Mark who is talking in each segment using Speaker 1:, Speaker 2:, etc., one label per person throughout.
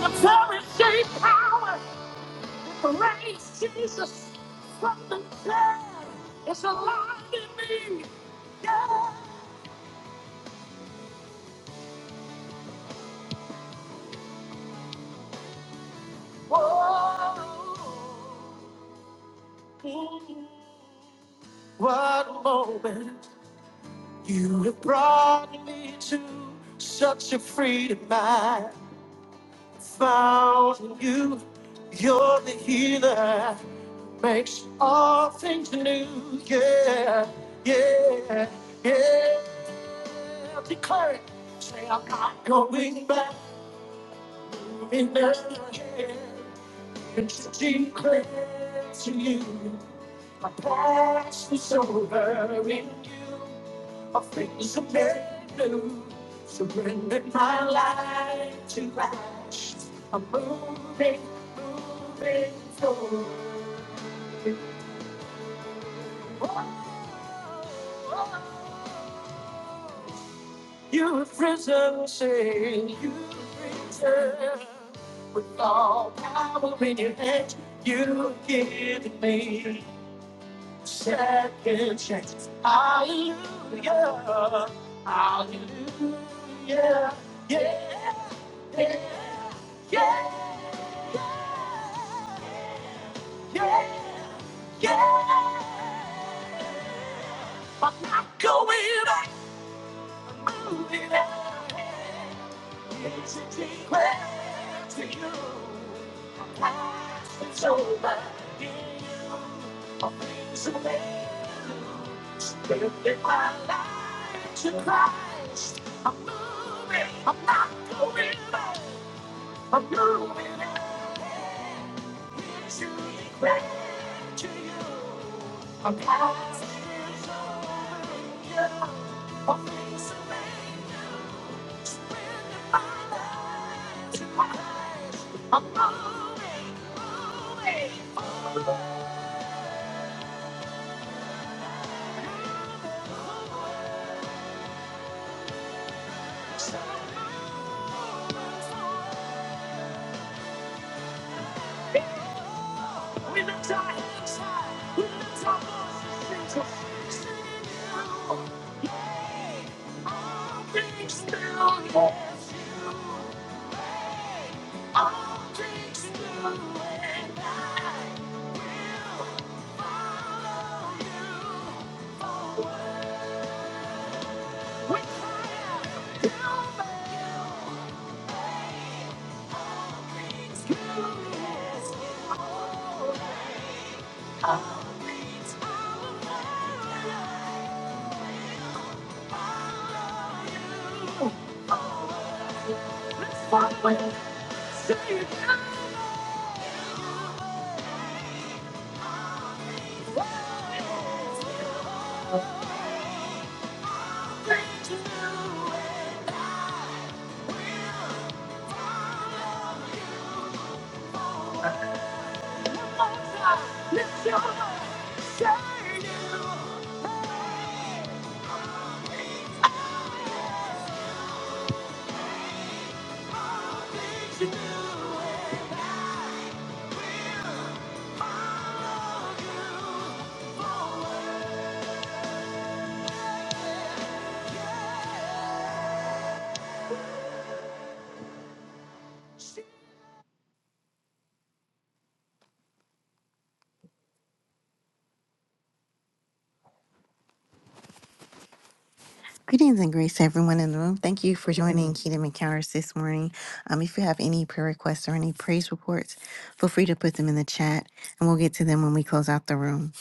Speaker 1: The perishing power it raised Jesus from the dead It's alive in me. Yeah. Whoa. Mm. What moment you have brought me to such a freedom I found in you. You're the healer, makes all things new. Yeah, yeah, yeah. I'll Declare it. Say, I'm not going back in their hands. Declare to you, my past is over in you. All things are made new. Surrendered my life to Christ. I'm moving, moving forward. You're risen, say you risen with all power in your hand. You give me second chance. Hallelujah, hallelujah, yeah, yeah, yeah, yeah, yeah, yeah. yeah. I'm not going back. I'm moving on. I'm chasing after you. My past is over. I'm brand new. I'm willing to lose. I'm living my life to the fullest. I'm moving. I'm not moving on. I'm moving, moving. We lift our hands high. We lift our voices into singing Yay! All things new, Yes, you. reign. All things new, And I will follow you forward. We cry out, "Fill me." I'm following. Say it to you. And one time, lift your Greetings and grace to everyone in the room. Thank you for joining Kingdom Encounters this morning. Um, if you have any prayer requests or any praise reports, feel free to put them in the chat and we'll get to them when we close out the room.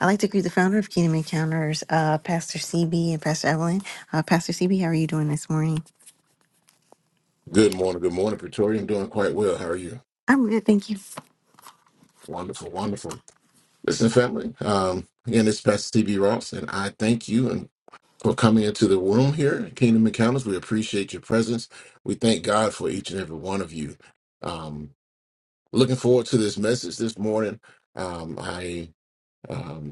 Speaker 1: I'd like to greet the founder of Kingdom Encounters, uh, Pastor CB and Pastor Evelyn. Uh, Pastor CB, how are you doing this morning?
Speaker 2: Good morning. Good morning, Pretoria. I'm doing quite well. How are you?
Speaker 1: I'm good, thank you.
Speaker 2: Wonderful, wonderful. Listen, family. Um, again, it's Pastor TB Ross, and I thank you and for coming into the room here at Kingdom Encounters. We appreciate your presence. We thank God for each and every one of you. Um, looking forward to this message this morning. Um, I um,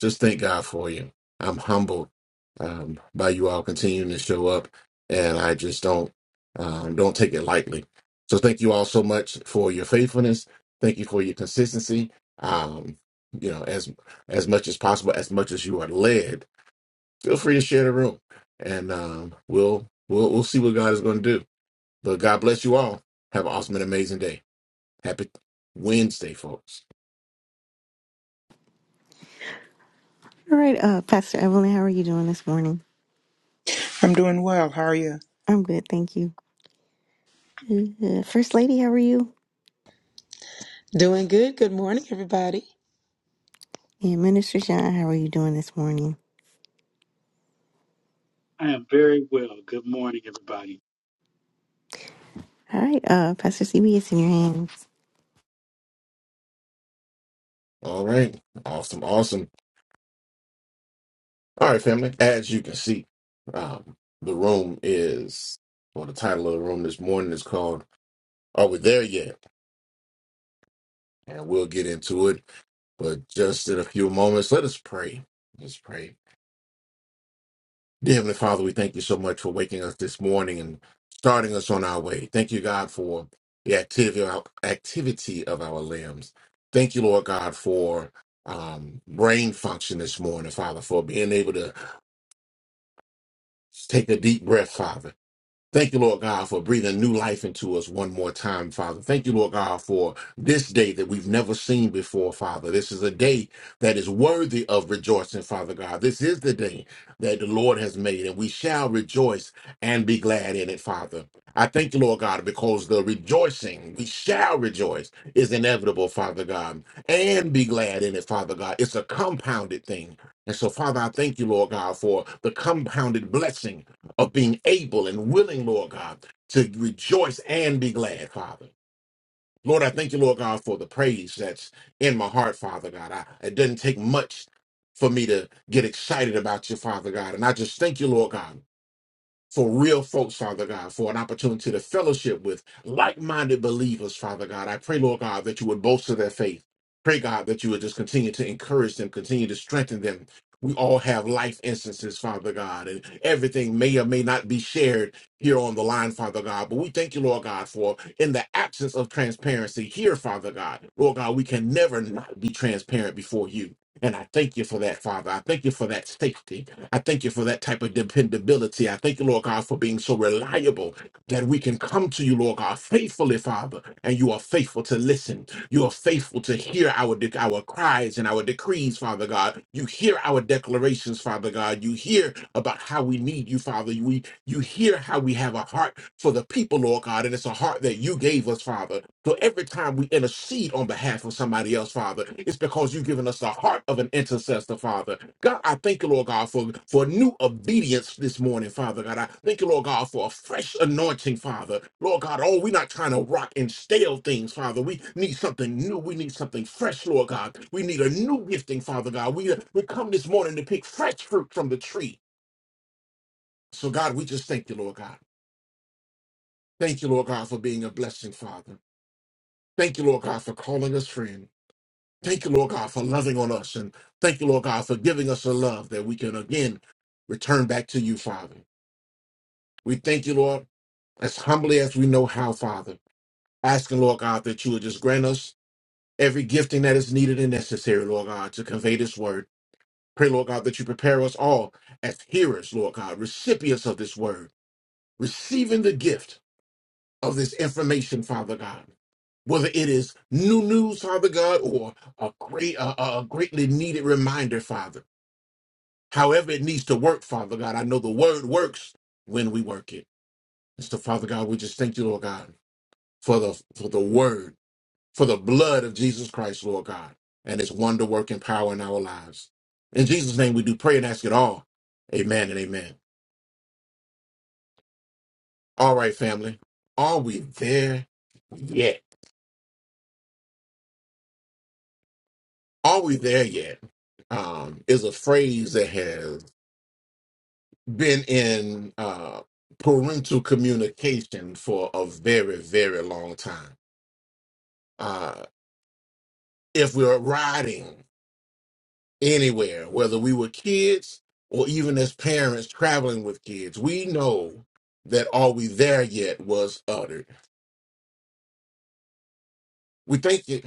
Speaker 2: just thank God for you. I'm humbled um, by you all continuing to show up, and I just don't um, don't take it lightly. So thank you all so much for your faithfulness. Thank you for your consistency. Um, you know, as as much as possible, as much as you are led, feel free to share the room, and um, we'll we'll we'll see what God is going to do. But God bless you all. Have an awesome and amazing day. Happy Wednesday, folks.
Speaker 1: All right, uh, Pastor Evelyn, how are you doing this morning?
Speaker 3: I'm doing well. How are you?
Speaker 1: I'm good, thank you. Uh, First Lady, how are you?
Speaker 4: Doing good. Good morning, everybody.
Speaker 1: And Minister John, how are you doing this morning?
Speaker 5: I am very well. Good morning, everybody.
Speaker 1: All right, uh, Pastor CB, it's in your hands.
Speaker 2: All right, awesome, awesome. All right, family. As you can see, um, the room is, or the title of the room this morning is called Are We There Yet? And we'll get into it, but just in a few moments, let us pray. Let's pray. Dear Heavenly Father, we thank you so much for waking us this morning and starting us on our way. Thank you, God, for the activity, activity of our limbs. Thank you, Lord God, for um, brain function this morning, Father, for being able to take a deep breath, Father Thank you, Lord God, for breathing new life into us one more time, Father. Thank you, Lord God, for this day that we've never seen before, Father. This is a day that is worthy of rejoicing, Father God. This is the day that the Lord has made, and we shall rejoice and be glad in it, Father. I thank you, Lord God, because the rejoicing, we shall rejoice, is inevitable, Father God, and be glad in it, Father God. It's a compounded thing. And so, Father, I thank you, Lord God, for the compounded blessing of being able and willing, Lord God, to rejoice and be glad, Father. Lord, I thank you, Lord God, for the praise that's in my heart, Father God. I, it doesn't take much for me to get excited about you, Father God. And I just thank you, Lord God for real folks, Father God, for an opportunity to fellowship with like minded believers, Father God. I pray, Lord God, that you would bolster their faith. Pray, God, that you would just continue to encourage them, continue to strengthen them. We all have life instances, Father God, and everything may or may not be shared here on the line, Father God. But we thank you, Lord God, for in the absence of transparency here, Father God, Lord God, we can never not be transparent before you. And I thank you for that, Father. I thank you for that safety. I thank you for that type of dependability. I thank you, Lord God, for being so reliable that we can come to you, Lord God, faithfully, Father, and you are faithful to listen. You are faithful to hear our de- our cries and our decrees, Father God. You hear our declarations, Father God. You hear about how we need you, Father. You hear how we have a heart for the people, Lord God, and it's a heart that you gave us, Father. So every time we intercede on behalf of somebody else, Father, it's because you've given us the heart of an intercessor, Father. God, I thank you, Lord God, for, for new obedience this morning, Father. God, I thank you, Lord God, for a fresh anointing, Father. Lord God, oh, we're not trying to rock and stale things, Father. We need something new. We need something fresh, Lord God. We need a new gifting, Father God. We, we come this morning to pick fresh fruit from the tree. So, God, we just thank you, Lord God. Thank you, Lord God, for being a blessing, Father. Thank you, Lord God, for calling us friend. Thank you, Lord God, for loving on us. And thank you, Lord God, for giving us a love that we can again return back to you, Father. We thank you, Lord, as humbly as we know how, Father. Asking, Lord God, that you would just grant us every gifting that is needed and necessary, Lord God, to convey this word. Pray, Lord God, that you prepare us all as hearers, Lord God, recipients of this word, receiving the gift of this information, Father God. Whether it is new news, Father God, or a great, a, a greatly needed reminder, Father. However, it needs to work, Father God. I know the word works when we work it. And so, Father God, we just thank you, Lord God, for the for the word, for the blood of Jesus Christ, Lord God, and its wonder working power in our lives. In Jesus' name, we do pray and ask it all. Amen and amen. All right, family, are we there? yet? Are we there yet? Um, is a phrase that has been in uh, parental communication for a very, very long time. Uh, if we're riding anywhere, whether we were kids or even as parents traveling with kids, we know that "Are we there yet?" was uttered. We thank it,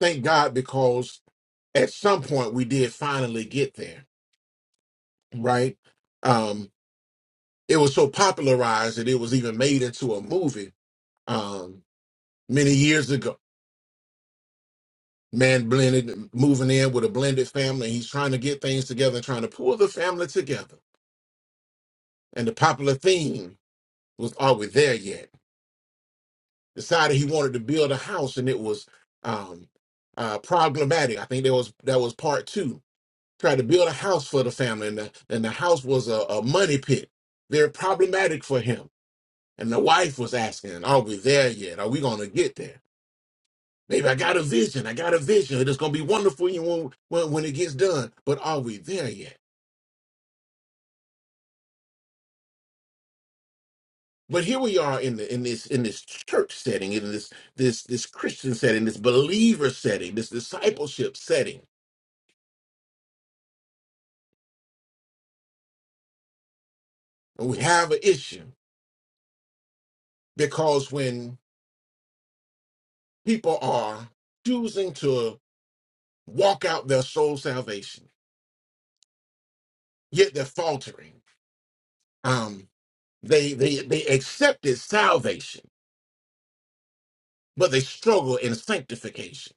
Speaker 2: thank God, because at some point we did finally get there, right? Um, it was so popularized that it was even made into a movie um, many years ago. Man blended, moving in with a blended family. He's trying to get things together, trying to pull the family together. And the popular theme was Are We There Yet? Decided he wanted to build a house and it was um, uh, problematic. I think that was that was part two. Tried to build a house for the family and the, and the house was a, a money pit. Very problematic for him. And the wife was asking, Are we there yet? Are we going to get there? Maybe I got a vision. I got a vision. It's gonna be wonderful you when, when when it gets done. But are we there yet? But here we are in the in this in this church setting, in this this this Christian setting, this believer setting, this discipleship setting, and we have an issue because when people are choosing to walk out their soul salvation, yet they're faltering. Um, they they they accepted salvation, but they struggle in sanctification.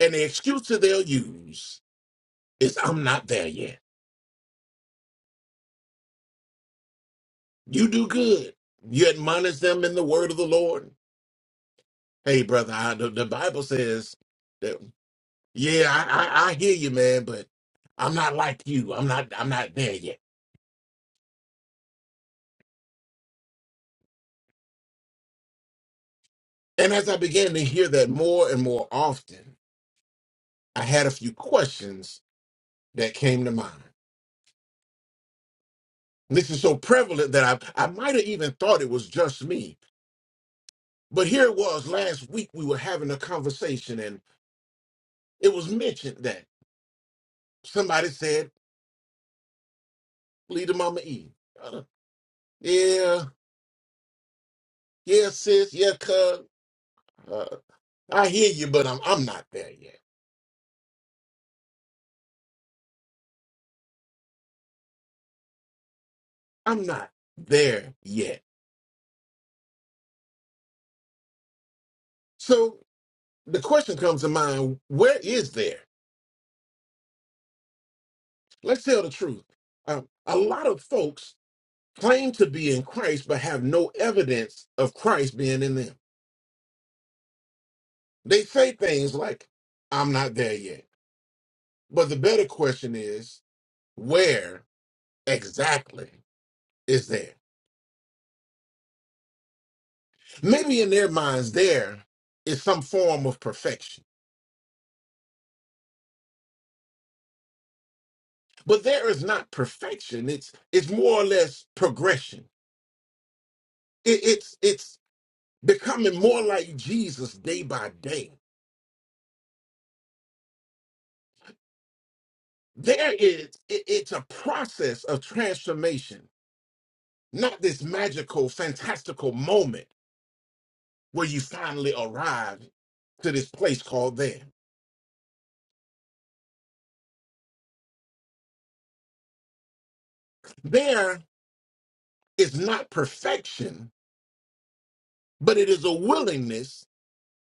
Speaker 2: And the excuses they'll use is I'm not there yet. You do good. You admonish them in the word of the Lord. Hey, brother, I, the, the Bible says that, yeah, I, I, I hear you, man, but I'm not like you. I'm not, I'm not there yet. And as I began to hear that more and more often, I had a few questions that came to mind. This is so prevalent that I, I might have even thought it was just me. But here it was last week, we were having a conversation, and it was mentioned that somebody said, "Lead Leader Mama E. Yeah, yeah, sis, yeah, cuz. Uh, I hear you, but I'm I'm not there yet. I'm not there yet. So the question comes to mind: Where is there? Let's tell the truth. Um, a lot of folks claim to be in Christ, but have no evidence of Christ being in them. They say things like, "I'm not there yet." But the better question is, where exactly is there? Maybe in their minds, there is some form of perfection but there is not perfection it's it's more or less progression it, it's it's becoming more like jesus day by day there is it- it's a process of transformation not this magical fantastical moment where you finally arrive to this place called there there is not perfection but it is a willingness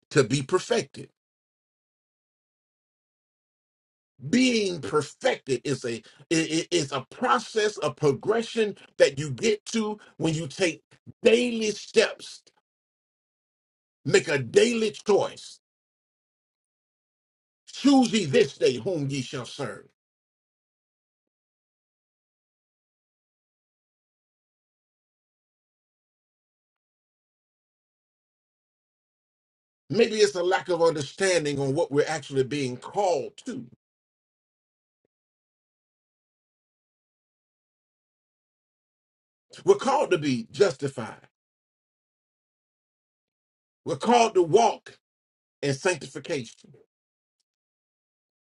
Speaker 2: to be perfected being perfected is a it is a process of progression that you get to when you take daily steps make a daily choice choose ye this day whom ye shall serve maybe it's a lack of understanding on what we're actually being called to we're called to be justified we're called to walk in sanctification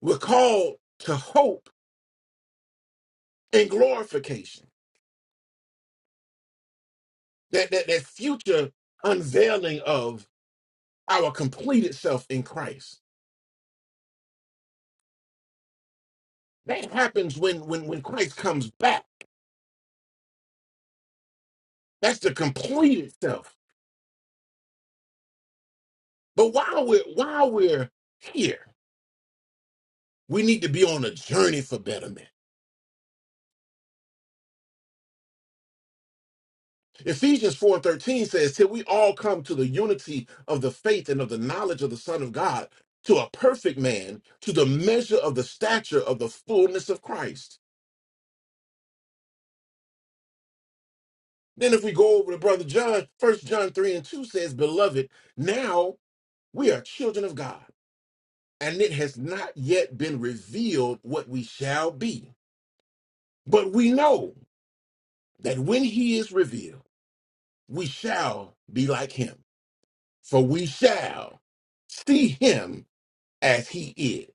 Speaker 2: we're called to hope in glorification that that, that future unveiling of. our completed self in Christ. That happens when when when Christ comes back. That's the completed self. But while we're while we're here, we need to be on a journey for betterment. Ephesians 4 and 13 says, Till we all come to the unity of the faith and of the knowledge of the Son of God, to a perfect man, to the measure of the stature of the fullness of Christ. Then if we go over to Brother John, First John 3 and 2 says, Beloved, now we are children of God and it has not yet been revealed what we shall be. But we know that when he is revealed, we shall be like him, for we shall see him as he is.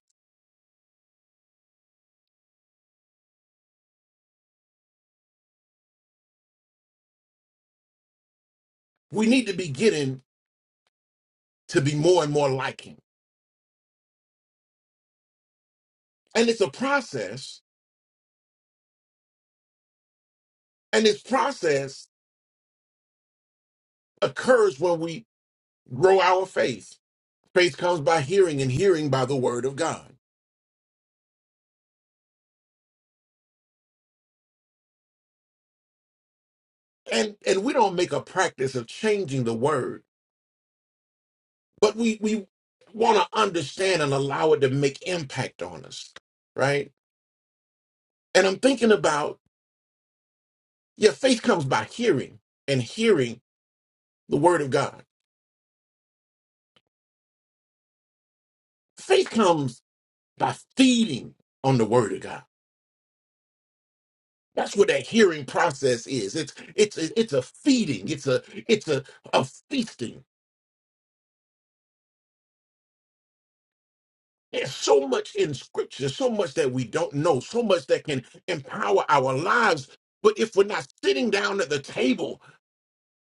Speaker 2: We need to be getting to be more and more like him. And it's a process, and this process occurs when we grow our faith. Faith comes by hearing, and hearing by the word of God. And and we don't make a practice of changing the word but we we want to understand and allow it to make impact on us right and i'm thinking about yeah faith comes by hearing and hearing the word of god faith comes by feeding on the word of god that's what that hearing process is it's it's it's a feeding it's a it's a, a feasting there's so much in scripture so much that we don't know so much that can empower our lives but if we're not sitting down at the table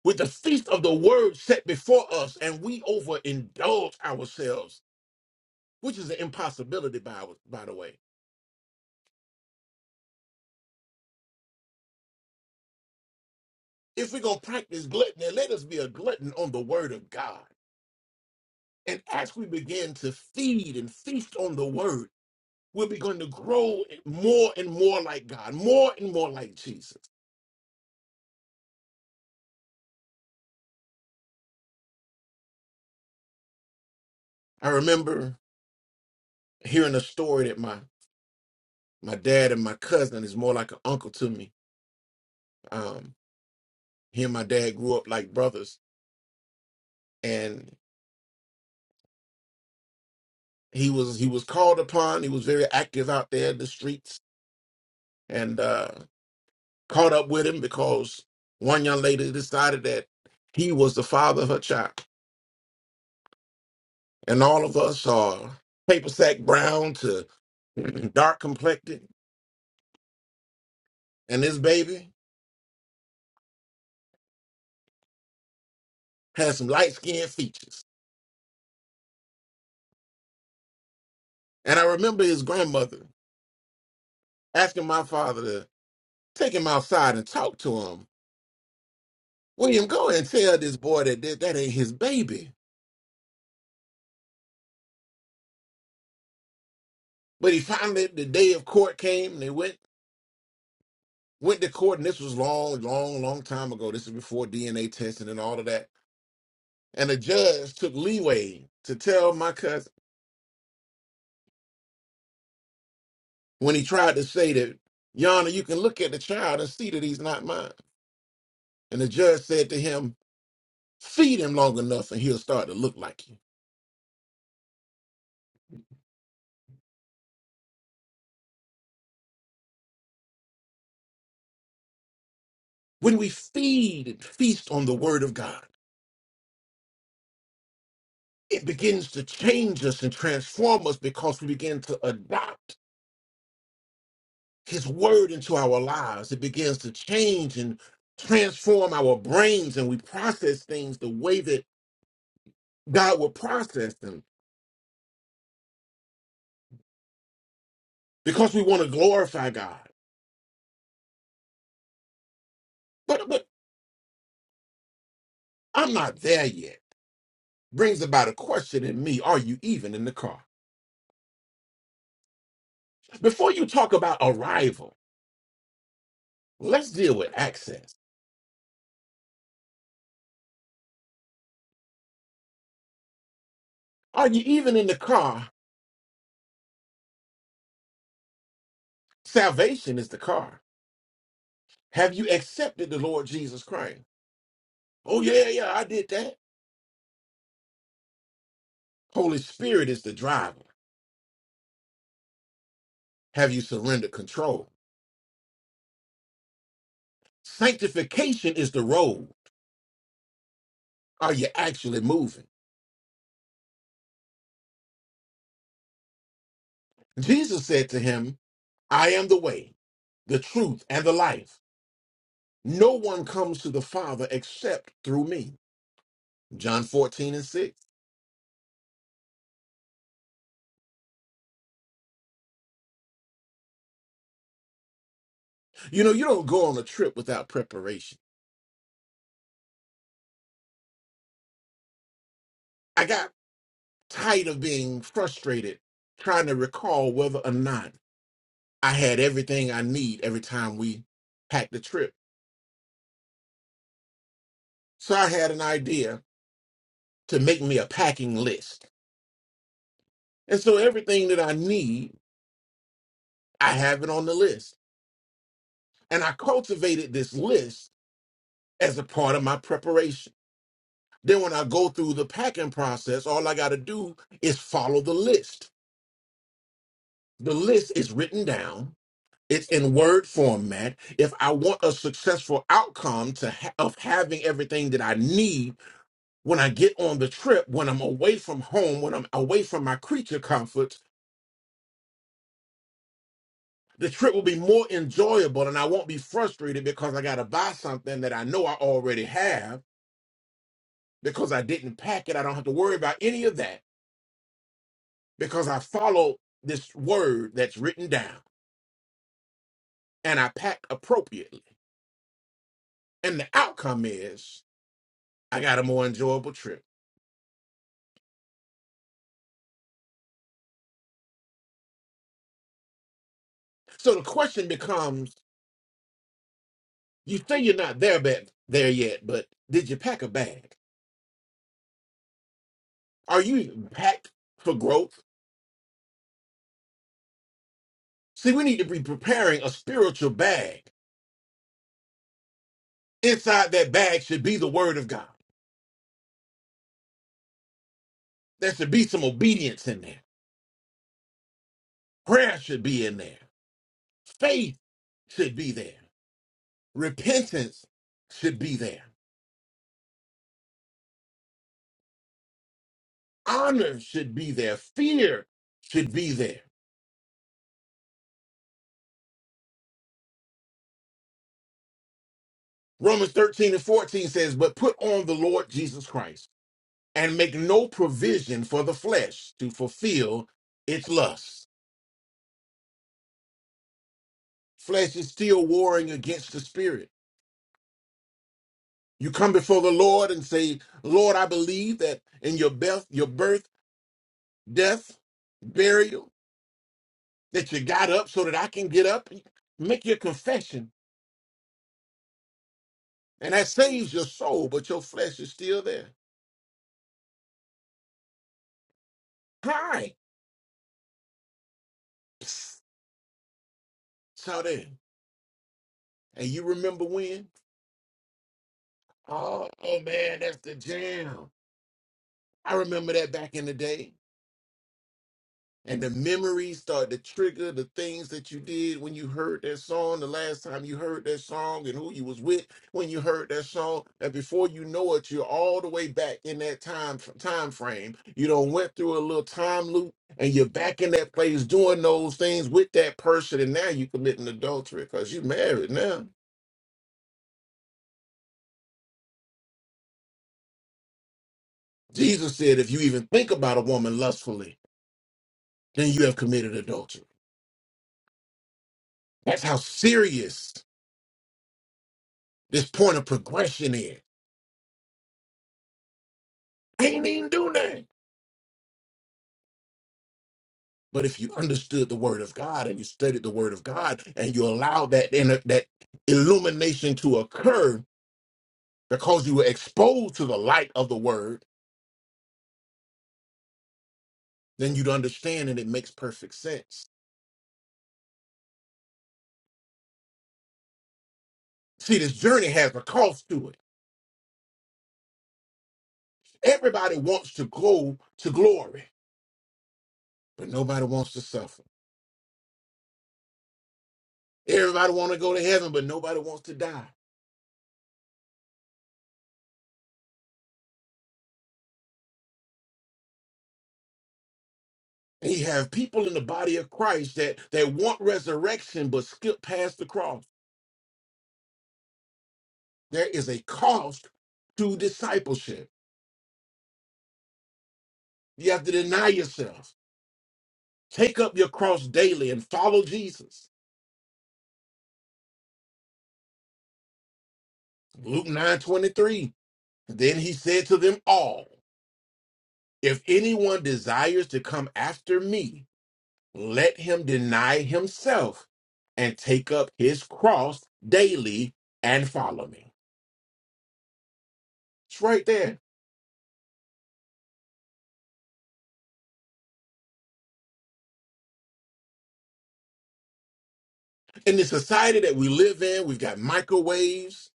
Speaker 2: with the feast of the word set before us, and we overindulge ourselves, which is an impossibility, by, by the way. If we're going to practice gluttony, let us be a glutton on the word of God. And as we begin to feed and feast on the word, we'll be going to grow more and more like God, more and more like Jesus. I remember hearing a story that my, my dad and my cousin is more like an uncle to me. Um, he and my dad grew up like brothers. And he was he was called upon. He was very active out there in the streets and uh, caught up with him because one young lady decided that he was the father of her child, and all of us are paper sack brown to dark complected, and this baby had some light skinned features. And I remember his grandmother asking my father to take him outside and talk to him. William, go and tell this boy that that, that ain't his baby. But he finally, the day of court came, and they went Went to court, and this was long, long, long time ago. This is before DNA testing and all of that. And the judge took leeway to tell my cousin when he tried to say that, Yana, you can look at the child and see that he's not mine. And the judge said to him, Feed him long enough and he'll start to look like you. When we feed and feast on the word of God, it begins to change us and transform us because we begin to adopt his word into our lives. It begins to change and transform our brains, and we process things the way that God would process them because we want to glorify God. But but I'm not there yet. Brings about a question in me: Are you even in the car? Before you talk about arrival, let's deal with access. Are you even in the car? Salvation is the car. Have you accepted the Lord Jesus Christ? Oh yeah, yeah, I did that. Holy Spirit is the driver. Have you surrendered control? Sanctification is the road. Are you actually moving? Jesus said to him, I am the way, the truth, and the life. No one comes to the Father except through me. John 14 and 6. You know, you don't go on a trip without preparation. I got tired of being frustrated trying to recall whether or not I had everything I need every time we packed the trip. So I had an idea to make me a packing list. And so everything that I need I have it on the list. And I cultivated this list as a part of my preparation. Then when I go through the packing process, all I got to do is follow the list. The list is written down. It's in word format. If I want a successful outcome to ha- of having everything that I need when I get on the trip, when I'm away from home, when I'm away from my creature comforts, the trip will be more enjoyable and I won't be frustrated because I got to buy something that I know I already have because I didn't pack it. I don't have to worry about any of that because I follow this word that's written down and I pack appropriately. And the outcome is I got a more enjoyable trip. So the question becomes you say you're not there, but, there yet, but did you pack a bag? Are you packed for growth? See, we need to be preparing a spiritual bag. Inside that bag should be the word of God. There should be some obedience in there. Prayer should be in there. Faith should be there. Repentance should be there. Honor should be there. Fear should be there. Romans 13 and 14 says, But put on the Lord Jesus Christ and make no provision for the flesh to fulfill its lusts. Flesh is still warring against the spirit. You come before the Lord and say, Lord, I believe that in your birth, your birth, death, burial, that you got up so that I can get up. Make your confession And that saves your soul, but your flesh is still there. Hi. Psst. So then, and you remember when? Oh, oh man, that's the jam. I remember that back in the day. and the memories start to trigger the things that you did when you heard that song the last time you heard that song and who you was with when you heard that song and before you know it you're all the way back in that time time frame you do went through a little time loop and you're back in that place doing those things with that person and now you committing adultery because you married now jesus said if you even think about a woman lustfully then you have committed adultery that's how serious this point of progression is i ain't even do nothing But if you understood the word of God and you studied the word of God and you allowed that inner, that illumination to occur because you were exposed to the light of the word, then you'd understand and it makes perfect sense. See, this journey has a cost to it. Everybody wants to go to glory, but nobody wants to suffer. Everybody want to go to heaven, but nobody wants to die. And you have people in the body of Christ that, that want resurrection but skip past the cross. There is a cost to discipleship. You have to deny yourself. Take up your cross daily and follow Jesus. Luke 9:23. Then he said to them all, If anyone desires to come after me, let him deny himself and take up his cross daily and follow me. It's right there. In the society that we live in, we've got microwaves,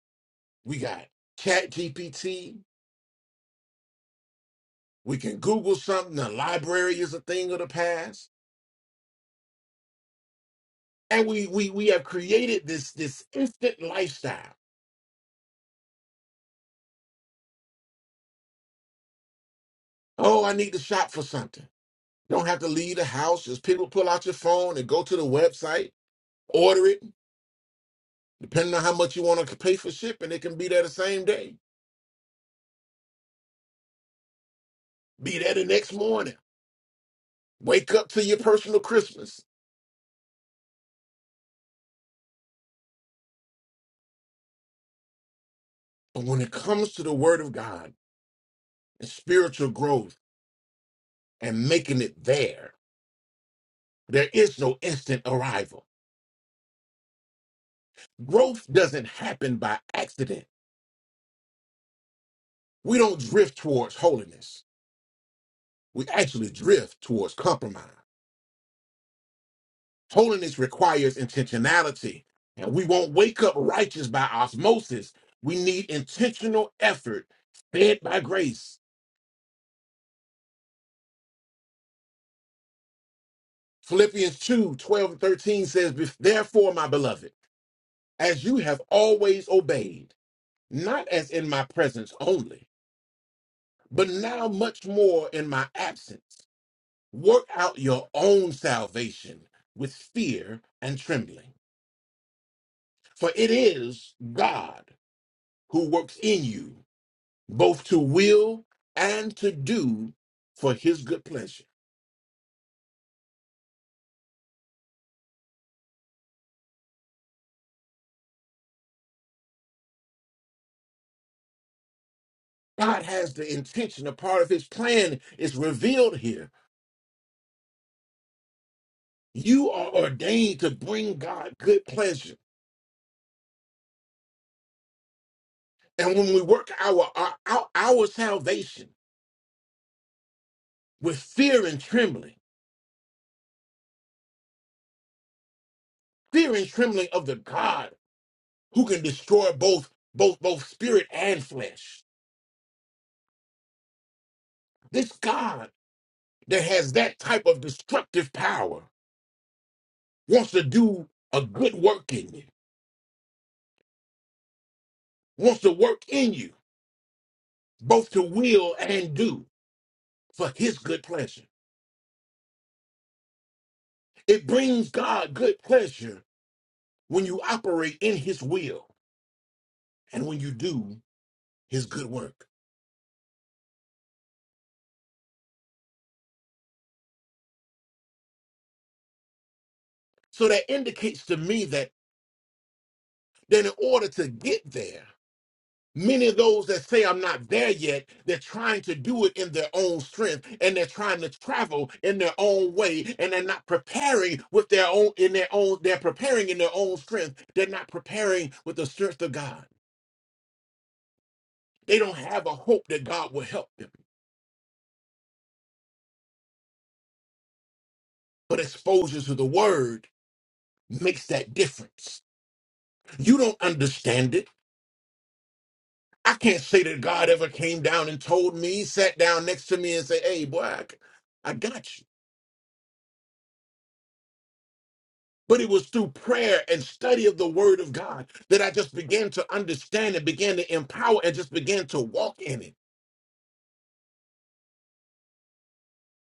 Speaker 2: we got chat GPT, we can Google something, the library is a thing of the past. and we we we have created this this instant lifestyle. Oh, I need to shop for something. Don't have to leave the house. Just people pull out your phone and go to the website, order it. Depending on how much you want to pay for shipping, it can be there the same day, be there the next morning. Wake up to your personal Christmas. But when it comes to the Word of God and spiritual growth and making it there, there is no instant arrival. Growth doesn't happen by accident. We don't drift towards holiness. we actually drift towards compromise. Holiness requires intentionality, and we won't wake up righteous by osmosis. We need intentional effort fed by grace. Philippians 2 twelve and 13 says, "Bef- Therefore, my beloved, as you have always obeyed, not as in my presence only, but now much more in my absence, work out your own salvation with fear and trembling. For it is God who works in you, both to will and to do for his good pleasure. God has the intention, a part of his plan is revealed here. You are ordained to bring God good pleasure. And when we work our, our, our, our salvation with fear and trembling, fear and trembling of the God who can destroy both, both, both spirit and flesh, this God that has that type of destructive power wants to do a good work in you wants to work in you, both to will and do for his good pleasure. It brings God good pleasure when you operate in his will and when you do his good work. So that indicates to me that then in order to get there, many of those that say I'm not there yet, they're trying to do it in their own strength and they're trying to travel in their own way and they're not preparing with their own in their own they're preparing in their own strength. They're not preparing with the strength of God. They don't have a hope that God will help them. But exposure to the word makes that difference. You don't understand it. I can't say that God ever came down and told me, sat down next to me and said, hey, boy, I, I got you. But it was through prayer and study of the word of God that I just began to understand and began to empower and just began to walk in it.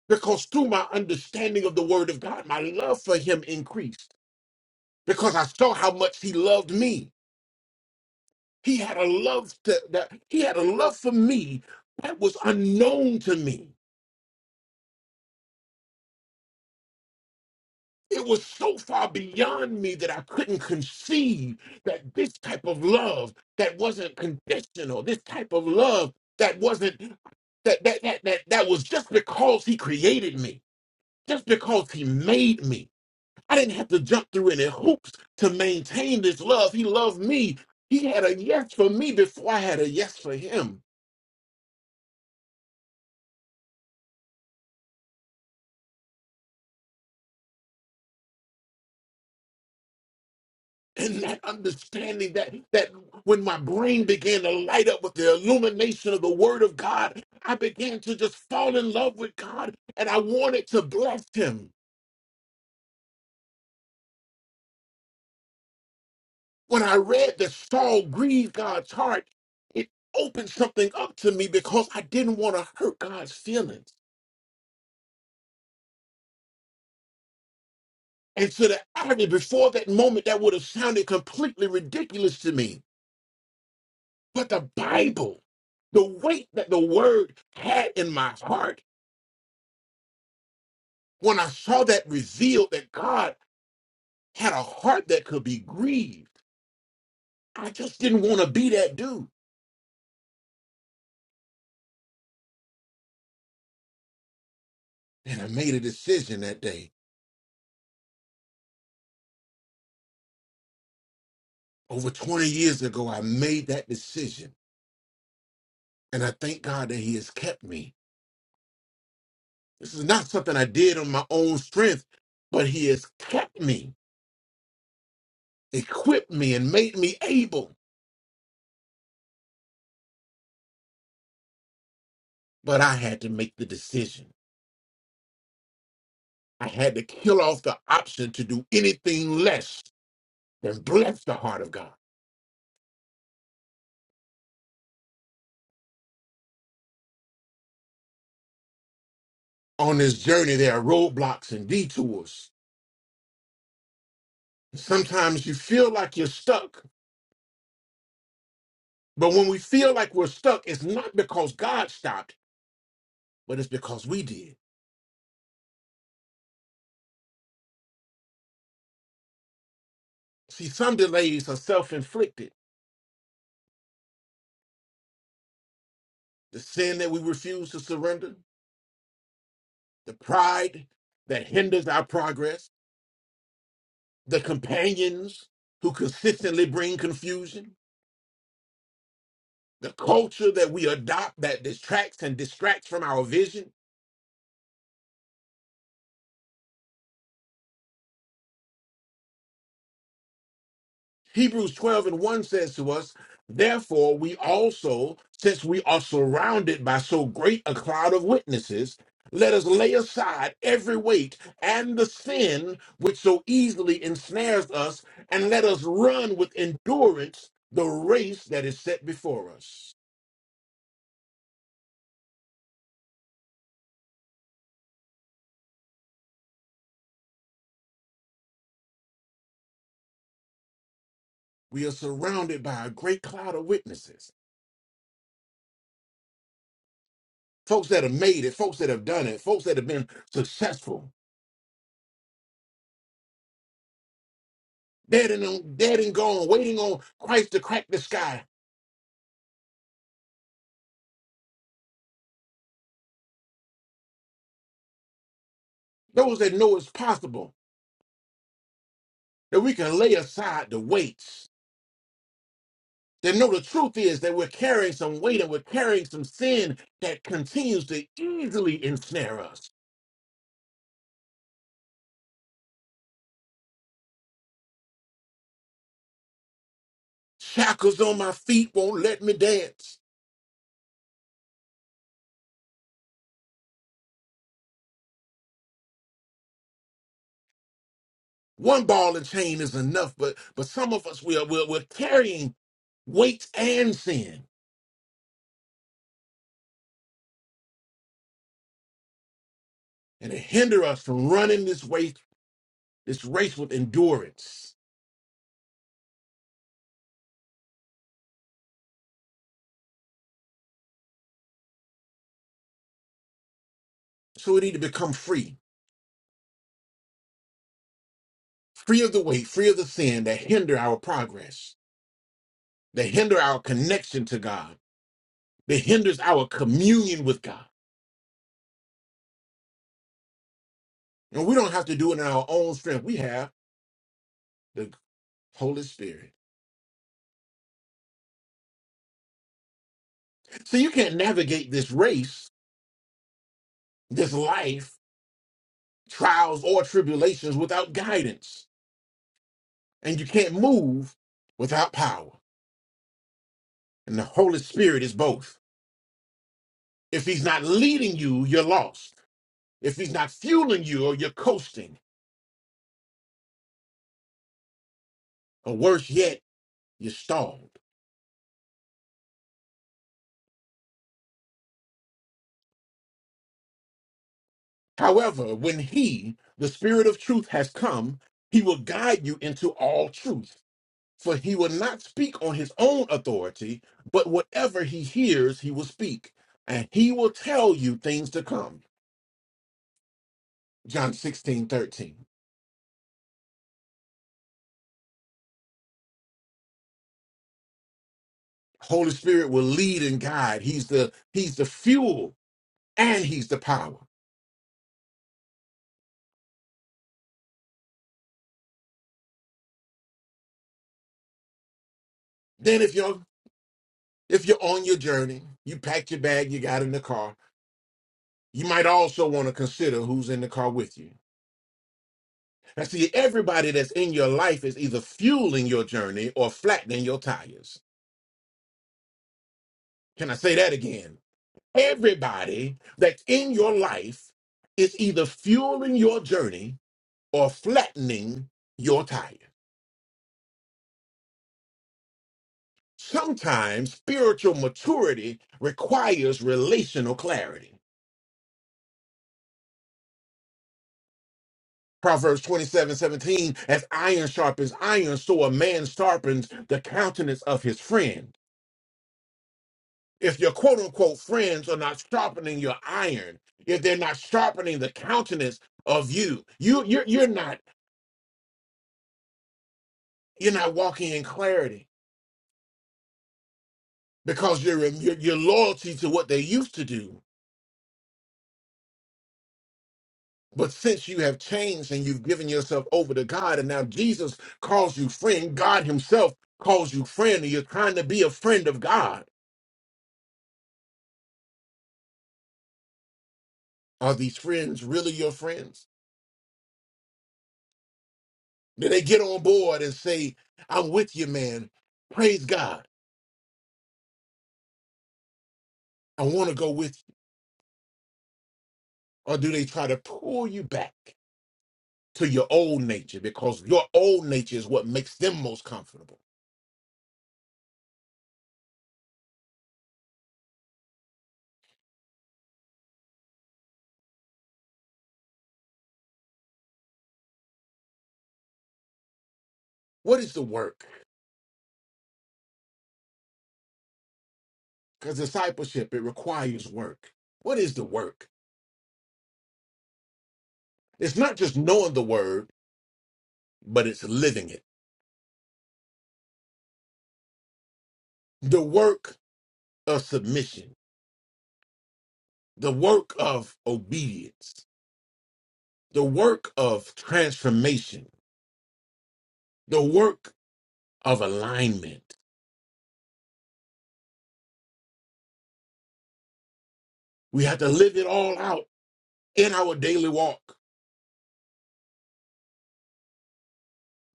Speaker 2: Because through my understanding of the word of God, my love for him increased because I saw how much he loved me. He had a love to, that he had a love for me that was unknown to me. It was so far beyond me that I couldn't conceive that this type of love that wasn't conditional, this type of love that wasn't that that that that, that was just because he created me, just because he made me. I didn't have to jump through any hoops to maintain this love. He loved me. He had a yes for me before I had a yes for him. and that understanding that that when my brain began to light up with the illumination of the word of god i began to just fall in love with god and i wanted to bless him when i read that saul grieved god's heart it opened something up to me because i didn't want to hurt god's feelings and to the irony before that moment that would have sounded completely ridiculous to me but the bible the weight that the word had in my heart When I saw that revealed that God had a heart that could be grieved, I just didn't want to be that dude. And I made a decision that day. Over 20 years ago, I made that decision. And I thank God that He has kept me. This is not something I did on my own strength, but He has kept me, equipped me, and made me able. But I had to make the decision. I had to kill off the option to do anything less than bless the heart of God. on this journey, there are roadblocks and detours. Sometimes you feel like you're stuck, but when we feel like we're stuck, it's not because God stopped, but it's because we did. See, some delays are self inflicted. The sin that we refuse to surrender, the pride that hinders our progress, the companions who consistently bring confusion, the culture that we adopt that distracts and distracts from our vision Hebrews 12 and 1 says to us, Therefore, we also, since we are surrounded by so great a cloud of witnesses, let us lay aside every weight and the sin which so easily ensnares us, and let us run with endurance the race that is set before us. We are surrounded by a great cloud of witnesses folks that have made it, folks that have done it, folks that have been successful, dead and, dead and gone, waiting on Christ to crack the sky Those that know it's possible that we can lay aside the weights. That know the truth is that we're carrying some weight and we're carrying some sin that continues to easily ensnare us. Shackles on my feet won't let me dance. One ball and chain is enough, but but some of us we are we're, we're carrying weights and sin, and it hinder us from running this race this race with endurance. So we need to become free, free of the weight, free of the sin that hinder our progress. They hinder our connection to God. They hinders our communion with God. And we don't have to do it in our own strength. We have the Holy Spirit. So you can't navigate this race, this life, trials or tribulations without guidance. And you can't move without power. And the Holy Spirit is both. If he's not leading you, you're lost. If he's not fueling you or you're coasting, or worse yet, you're stalled. However, when he, the Spirit of truth, has come, he will guide you into all truth. For he will not speak on his own authority, but whatever he hears, he will speak. And he will tell you things to come. John 16 13. Holy Spirit will lead and guide. He's the he's the fuel and he's the power. Then if you're if you're on your journey, you packed your bag, you got in the car, you might also want to consider who's in the car with you. I see everybody that's in your life is either fueling your journey or flattening your tires. Can I say that again? Everybody that's in your life is either fueling your journey or flattening your tire. Sometimes spiritual maturity requires relational clarity. Proverbs 27 17: as iron sharpens iron, so a man sharpens the countenance of his friend. if your quote unquote friends are not sharpening your iron, if they're not sharpening the countenance of you, you you're you're not you're not walking in clarity because your your, your loyalty to what they used to do. But since you have changed and you've given yourself over to God, and now Jesus calls you friend, God Himself calls you friend, and you're trying to be a friend of God. Are these friends really your friends? Do they get on board and say, "I'm with you, man"? Praise God. I want to go with you. Or do they try to pull you back to your old nature because your old nature is what makes them most comfortable? What is the work? Because discipleship, it requires work. What is the work? It's not just knowing the word, but it's living it. The work of submission, the work of obedience, the work of transformation, the work of alignment. We have to live it all out in our daily walk.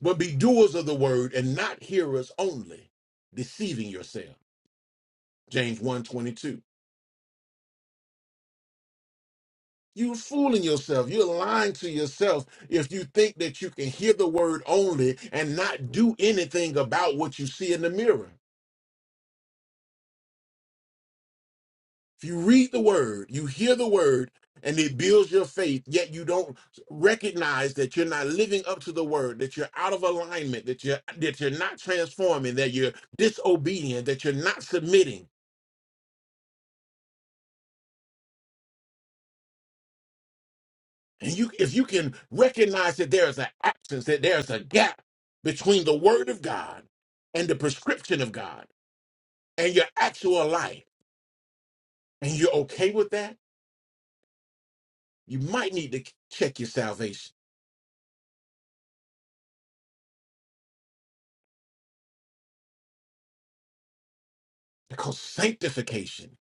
Speaker 2: but be doers of the word and not hearers only, deceiving yourself. James one you You're fooling yourself. You're lying to yourself if you think that you can hear the word only and not do anything about what you see in the mirror. If you read the word, you hear the word, and it builds your faith, yet you don't recognize that you're not living up to the word, that you're out of alignment, that you're that you're not transforming, that you're disobedient, that you're not submitting And you, if you can recognize that there is an absence, that there's a gap between the word of God and the prescription of God and your actual life, and you're okay with that, you might need to check your salvation because sanctification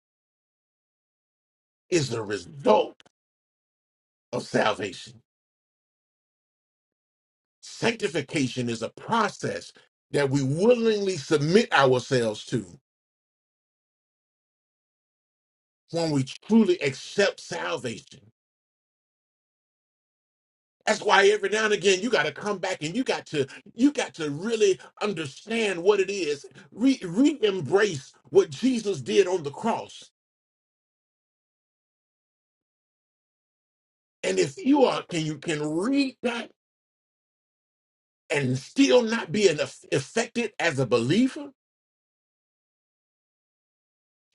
Speaker 2: is the result of salvation. Sanctification is a process that we willingly submit ourselves to when we truly accept salvation. That's why every now and again you got to come back and you got to you got to really understand what it is. Re embrace what Jesus did on the cross. And if you are can you can read that and still not be an aff- affected as a believer,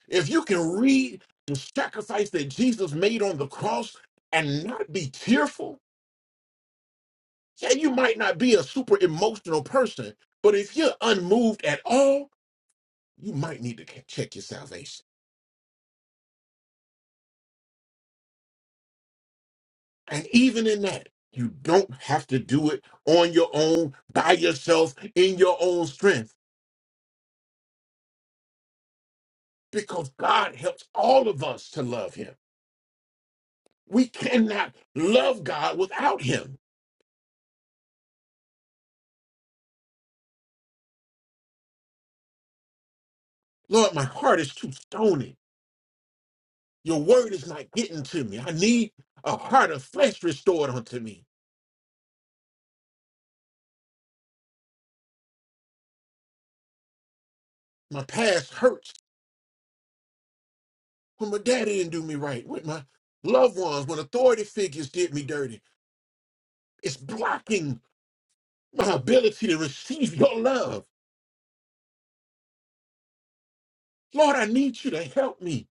Speaker 2: if you can read the sacrifice that Jesus made on the cross and not be tearful, yeah, you might not be a super emotional person, but if you're unmoved at all, you might need to check your salvation And even in that, you don't have to do it on your own, by yourself, in your own strength, because God helps all of us to love Him. We cannot love God without Him. Lord, my heart is too stony. Your word is not getting to me. I need a heart of flesh restored unto me. My past hurts when my daddy didn't do me right, when my loved ones, when authority figures did me dirty. It's blocking my ability to receive your love. Lord, I need you to help me.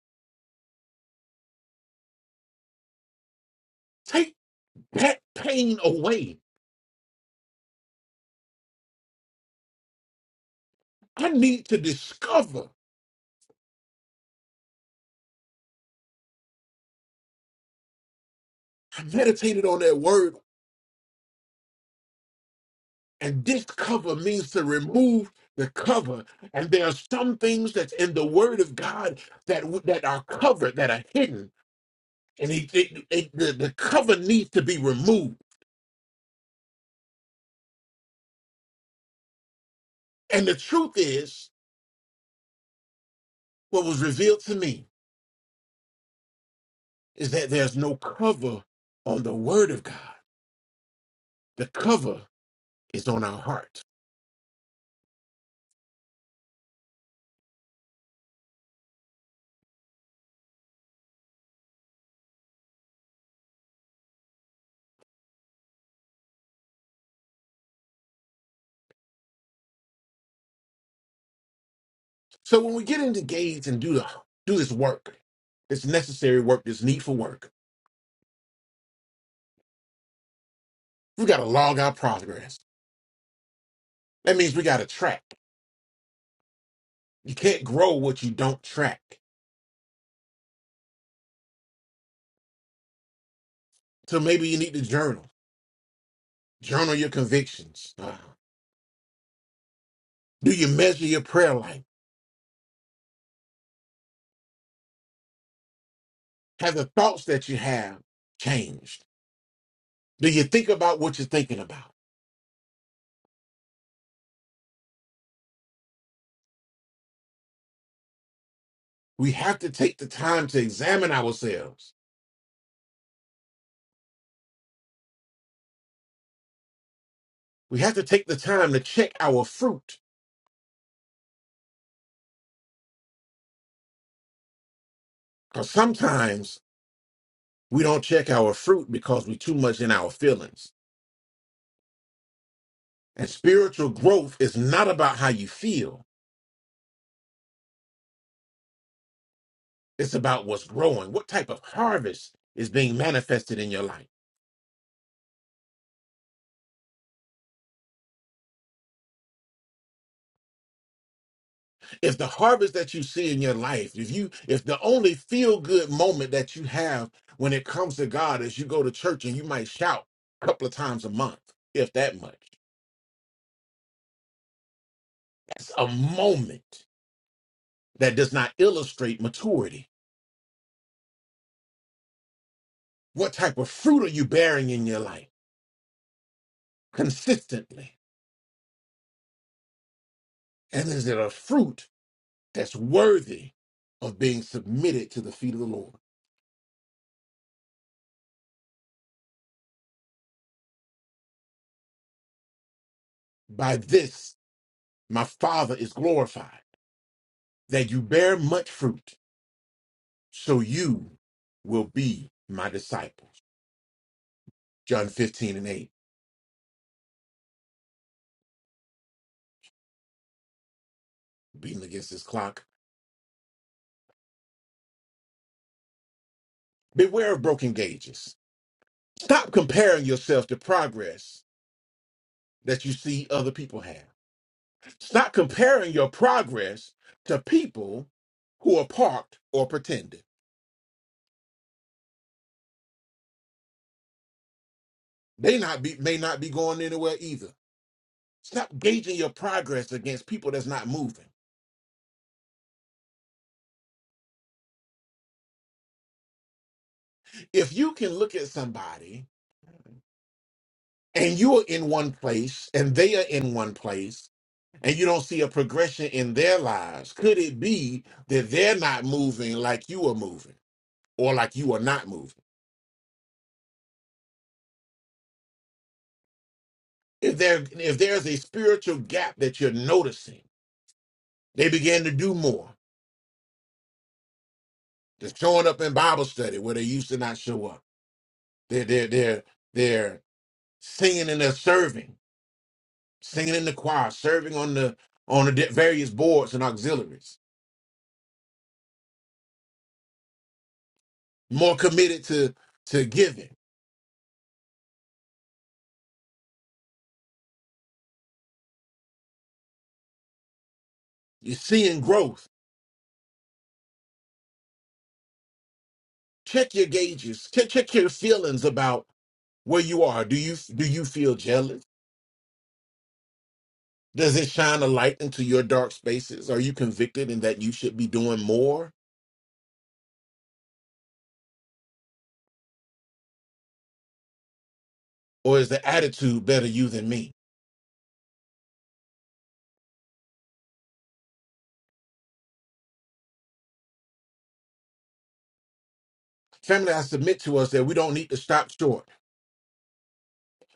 Speaker 2: Take that pain away. I need to discover. I meditated on that word, and discover means to remove the cover. And there are some things that's in the word of God that, w- that are covered, that are hidden. And he, it- it- the, the cover needs to be removed. And the truth is, what was revealed to me is that there's no cover on the word of God. The cover is on our heart So when we get into engaged and do the do this work, this necessary work, this needful work, we gotta log our progress. That means we gotta track. You can't grow what you don't track. So maybe you need to journal. Journal your convictions. Uh, do you measure your prayer life? Have the thoughts that you have changed? Do you think about what you're thinking about? We have to take the time to examine ourselves. We have to take the time to check our fruit. Because sometimes We don't check our fruit because we're too much in our feelings. And spiritual growth is not about how you feel, it's about what's growing. What type of harvest is being manifested in your life? If the harvest that you see in your life, if you if the only feel good moment that you have when it comes to God is you go to church and you might shout a couple of times a month, if that much. That's a moment that does not illustrate maturity. What type of fruit are you bearing in your life consistently? and is it a fruit that's worthy of being submitted to the feet of the Lord? By this, my Father is glorified, that you bear much fruit, so you will be my disciples. John 15 and 8, beating against this clock. Beware of broken gauges. Stop comparing yourself to progress that you see other people have. Stop comparing your progress to people who are parked or pretending. They not be may not be going anywhere either. Stop gauging your progress against people that's not moving. If you can look at somebody and you're in one place and they are in one place and you don't see a progression in their lives, could it be that they're not moving like you are moving or like you are not moving? If there if there's a spiritual gap that you're noticing, they begin to do more. They're showing up in Bible study where they used to not show up. They're they're they're they're singing and they're serving singing in the choir, serving on the on the di- various boards and auxiliaries, more committed to to giving. You're seeing growth. Check your gauges. Check, check your feelings about where you are. Do you do you feel jealous? Does it shine a light into your dark spaces? Are you convicted in that you should be doing more, or is the attitude better you than me? Family, I submit to us that we don't need to stop short.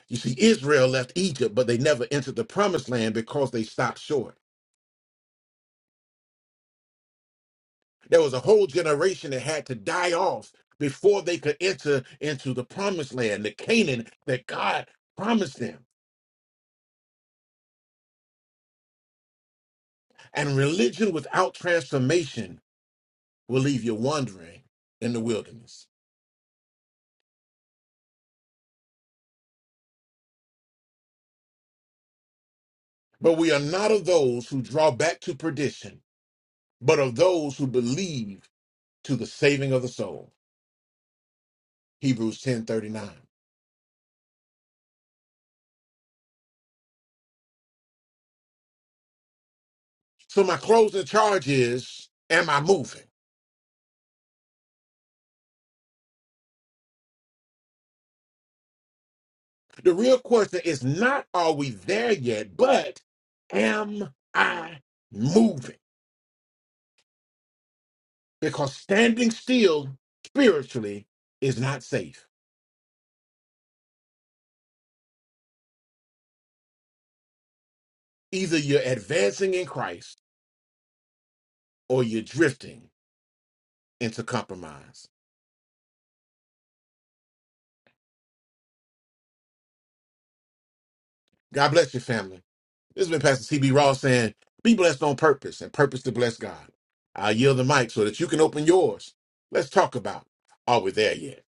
Speaker 2: You see, Israel left Egypt, but they never entered the promised land because they stopped short. There was a whole generation that had to die off before they could enter into the promised land, the Canaan that God promised them. And religion without transformation will leave you wandering in the wilderness. But we are not of those who draw back to perdition, but of those who believe to the saving of the soul. Hebrews 10:39. So my closing charge is, am I moving? The real question is not are we there yet, but am I moving? Because standing still spiritually is not safe. Either you're advancing in Christ or you're drifting into compromise. God bless your family. This has been Pastor CB Ross saying, Be blessed on purpose and purpose to bless God. I yield the mic so that you can open yours. Let's talk about are we there yet?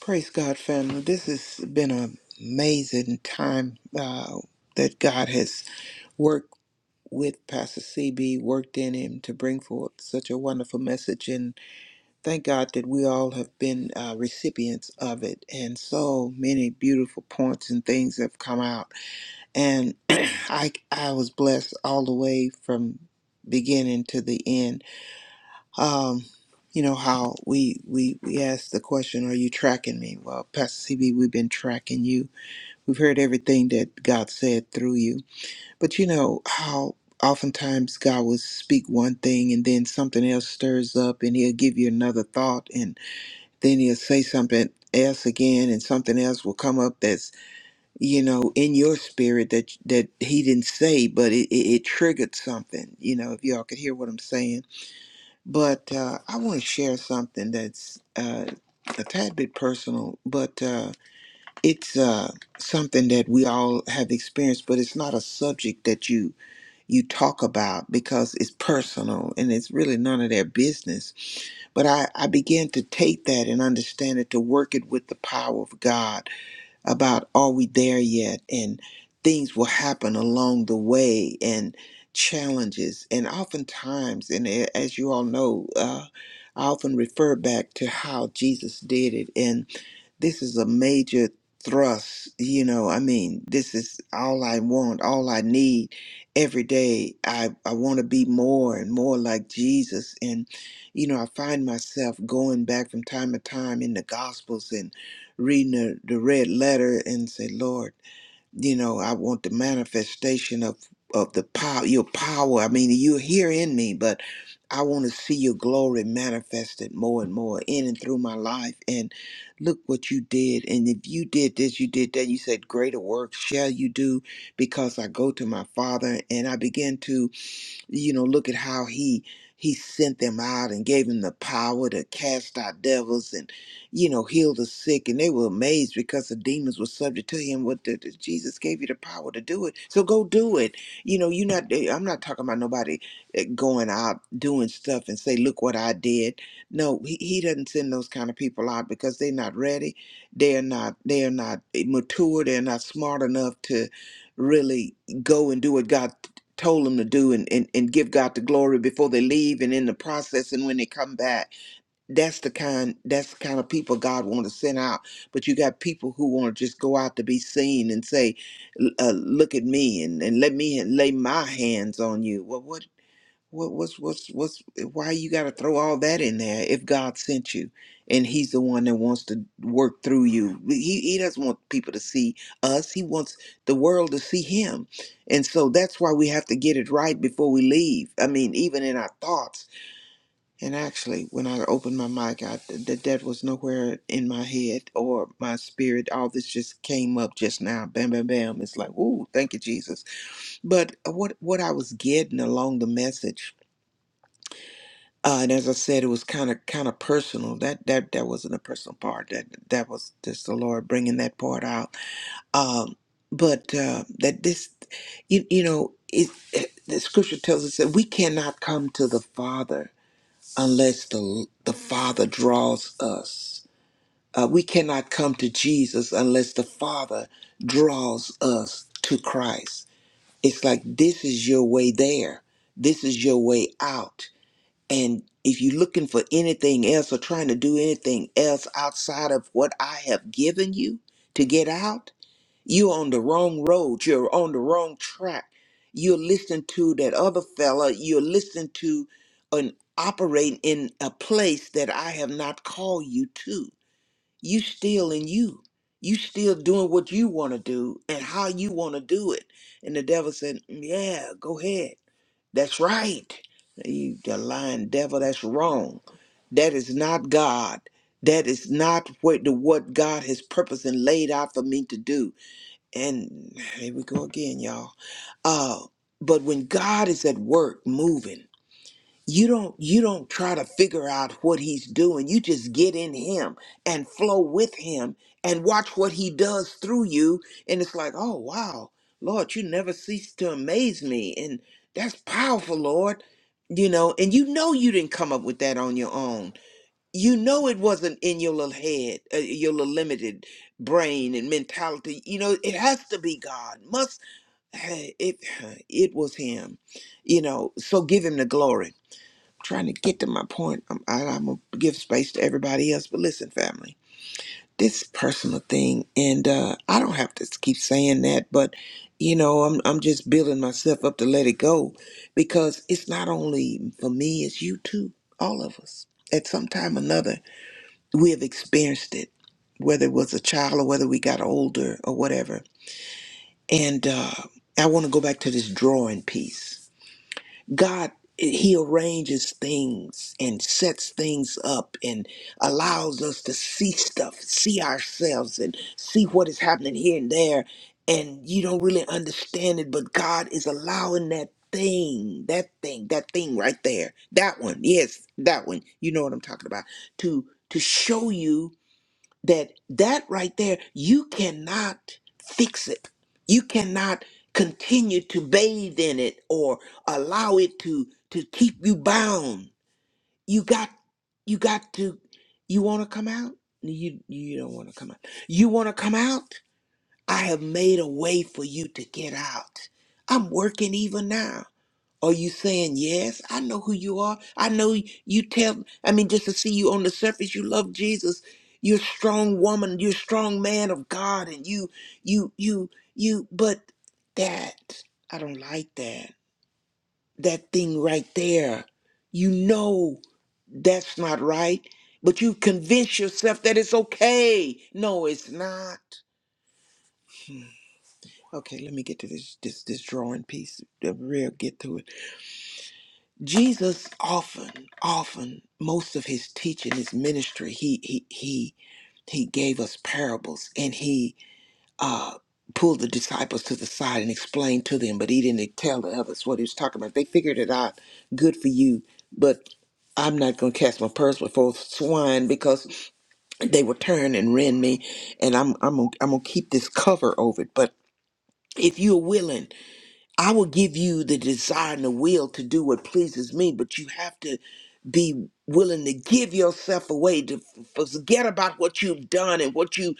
Speaker 3: Praise God, family. This has been an amazing time uh, that God has worked with Pastor CB, worked in him to bring forth such a wonderful message. And thank God that we all have been uh, recipients of it. And so many beautiful points and things have come out. And I, I was blessed all the way from beginning to the end um, you know how we we we asked the question, "Are you tracking me?" Well, Pastor CB, we've been tracking you. We've heard everything that God said through you. But you know how oftentimes God will speak one thing, and then something else stirs up, and He'll give you another thought, and then He'll say something else again, and something else will come up that's you know in your spirit that that He didn't say, but it it, it triggered something. You know, if y'all could hear what I'm saying but uh, I want to share something that's uh, a tad bit personal, but uh, it's uh, something that we all have experienced. But it's not a subject that you you talk about because it's personal and it's really none of their business. But I, I began to take that and understand it to work it with the power of God about are we there yet and things will happen along the way and challenges and oftentimes and a- as you all know uh, i often refer back to how jesus did it and this is a major thrust you know i mean this is all i want all i need every day i i want to be more and more like jesus and you know i find myself going back from time to time in the gospels and reading the, the red letter and say lord you know i want the manifestation of of the power your power i mean you're here in me but i want to see your glory manifested more and more in and through my life and look what you did and if you did this you did that you said greater work shall you do because i go to my father and i begin to you know, look at how he he sent them out and gave them the power to cast out devils and you know heal the sick and they were amazed because the demons were subject to him what the, the- jesus gave you the power to do it so go do it you know you're not eh, i'm not talking about nobody eh, going out doing stuff and say look what i did no he, he doesn't send those kind of people out because they're not ready they're not they're not eh, mature they're not smart enough to really go and do what god told them to do and, and, and give God the glory before they leave and in the process and when they come back. That's the kind that's the kind of people God want to send out. But you got people who want to just go out to be seen and say, "L- uh, look at me and, and let me lay my hands on you. Well, what what, what's what's what's why you got to throw all that in there if God sent you and He's the one that wants to work through you? He He doesn't want people to see us. He wants the world to see Him, and so that's why we have to get it right before we leave. I mean, even in our thoughts. And actually, when I opened my mic, I that that was nowhere in my head or my spirit. All this just came up just now. Bam, bam, bam. It's like, ooh, thank you, Jesus. But what what I was getting along the message uh, and as I said, it was kind of kind of personal. That that that wasn't a personal part. That that was just the Lord bringing that part out. Um, but uh, that this, you, you know, it, it- the Scripture tells us that we cannot come to the Father unless the the Father draws us. Uh, we cannot come to Jesus unless the Father draws us to Christ. It's like this is your way there. This is your way out and if you're looking for anything else or trying to do anything else outside of what I have given you to get out, you're on the wrong road. You're on the wrong track. You're listening to that other fella. You're listening to and operating in a place that I have not called you to. You still in you. You still doing what you want to do and how you want to do it. And the devil said, Yeah, go ahead. That's right. You the lying devil, that's wrong. That is not God. That is not what the what God has purposed and laid out for me to do. And here we go again, y'all. Uh, but when God is at work moving, you don't you don't try to figure out what he's doing you just get in him and flow with him and watch what he does through you and it's like oh wow lord you never cease to amaze me and that's powerful lord you know and you know you didn't come up with that on your own you know it wasn't in your little head uh, your little limited brain and mentality you know it has to be god must it it was him you know so give him the glory trying to get to my point. I'm, I, I'm gonna give space to everybody else, but listen, family, this personal thing, and uh, I don't have to keep saying that, but you know, I'm I'm just building myself up to let it go because it's not only for me, it's you too, all of us. At some time or another, we have experienced it, whether it was a child or whether we got older or whatever. And uh, I want to go back to this drawing piece God, He arranges things and sets things up and allows us to see stuff, see ourselves, and see what is happening here and there. And you don't really understand it, but God is allowing that thing, that thing, that thing right there, that one, yes, that one. You know what I'm talking about? To to show you that that right there you cannot fix it you cannot continue to bathe in it or allow it to to keep you bound you got you got to you want to come out No, you you don't want to come out you want to come out i have made a way for you to get out i'm working even now are you saying yes? I know who you are. I know you tell I mean just to see you on the surface you love Jesus. You're a strong woman, you're a strong man of God and you you you you but that I don't like that. That thing right there. You know that's not right, but you convince yourself that it's okay. No, it's not. Hmm, Okay, let me get to this this this drawing piece. Real get to it. Jesus often, often, most of his teaching, his ministry, he he he he gave us parables and he uh pulled the disciples to the side and explained to them, but he didn't tell the others what he was talking about. They figured it out. Good for you. But I'm not gonna cast my pearls before swine because they will turn and rend me and I'm I'm gonna, I'm gonna keep this cover over it. But if you're willing I will give you the desire and the will to do what pleases me, but you have to be willing to give yourself away to f- forget about what you've done and what you're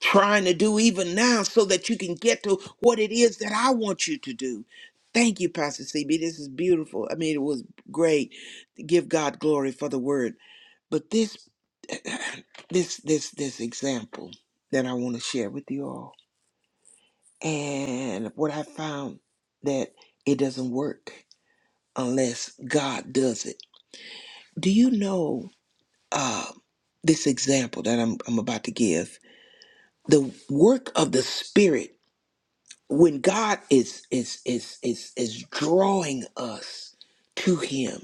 Speaker 3: trying to do even now so that you can get to what it is that I want you to do. Thank you, Pastor CB. This is beautiful. I mean, it was great to give God glory for the word. But this this this this example that I want to share with you all and what I found that it doesn't work unless God does it. Do you know uh, this example that I'm, I'm about to give? The work of the Spirit when God is is is is is drawing us to Him.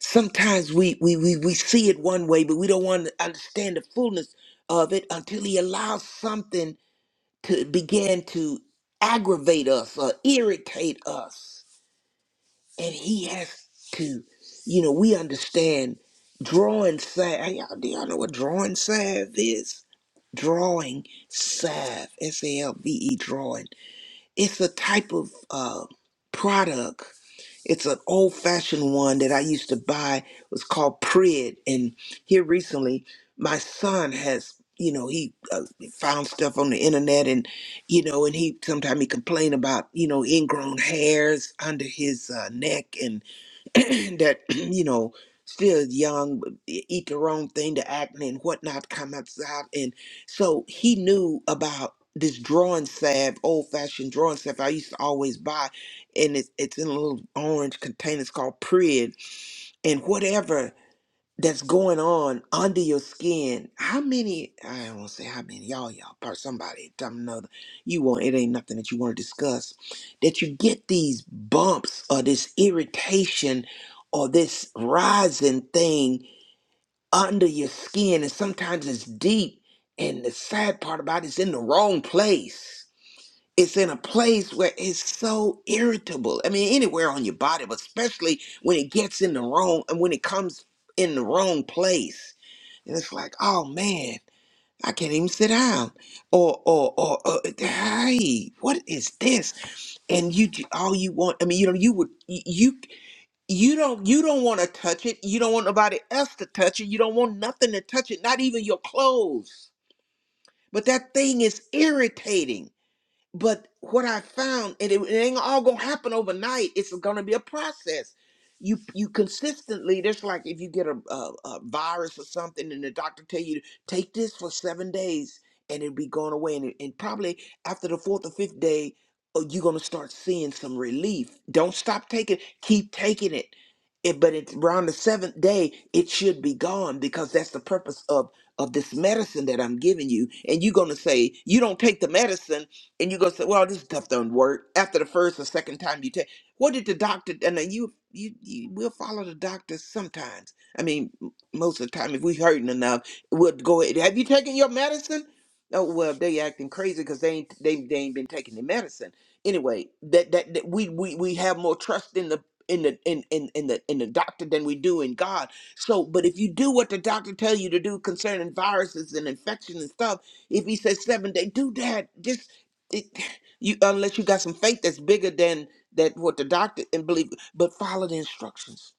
Speaker 3: Sometimes we we we, we see it one way, but we don't want to understand the fullness of it until He allows something to begin to aggravate us or irritate us and he has to you know we understand drawing salve y'all, do y'all know what drawing salve is drawing salve s-a-l-v-e drawing it's a type of uh, product it's an old-fashioned one that i used to buy it was called prid and here recently my son has you know he uh, found stuff on the internet and you know and he sometimes he complained about you know ingrown hairs under his uh, neck that you know still young but e- eat the wrong thing the acne and whatnot comes out and so he knew about this drawing salve old-fashioned drawing salve i used to always buy and it's, it's in a little orange container it's called prid and whatever that's going on under your skin. How many? I don't want to say how many. Y'all, y'all, part somebody, time another. You want it ain't nothing that you want to discuss. That you get these bumps or this irritation or this rising thing under your skin, and sometimes it's deep. And the sad part about it, it's in the wrong place it's in a place where it's so irritable. I mean, anywhere on your body, but especially when it gets in the wrong and when it comes in the wrong place. And it's like, oh man, I can't even sit down. Or, or, or, or hey, what is this? And you, ju- all you want, I mean, you know, you would, you, you you don't, you don't want to touch it. You don't want nobody else to touch it. You don't want nothing to touch it, not even your clothes. But that thing is irritating but what I found, and it, it ain't all gonna happen overnight. It's gonna be a process. You you consistently. That's like if you get a, a, a virus or something, and the doctor tell you take this for seven days, and it'll be going away. And, it- and probably after the fourth or fifth day, uh, you're gonna start seeing some relief. Don't stop taking. Keep taking it. it but it's around the seventh day, it should be gone because that's the purpose of of this medicine that I'm giving you. And you're gonna say you don't take the medicine and you go say, "Well, this stuff don't work." After the first or second time you take, what did the doctor? And then you, you, you will follow the doctor sometimes. I mean, m- most of the time, if we hurting enough, we'll go. ahead. Have you taken your medicine? Oh well, they acting crazy because they ain't they, they ain't been taking the medicine. Anyway, that, that that we we we have more trust in the in the in, in in the in the doctor than we do in God. So, but if you do what the doctor tell you to do concerning viruses and infection and stuff, if he says seven day, do that it, you unless you got some faith that's bigger than that what the doctor and believe but follow the instructions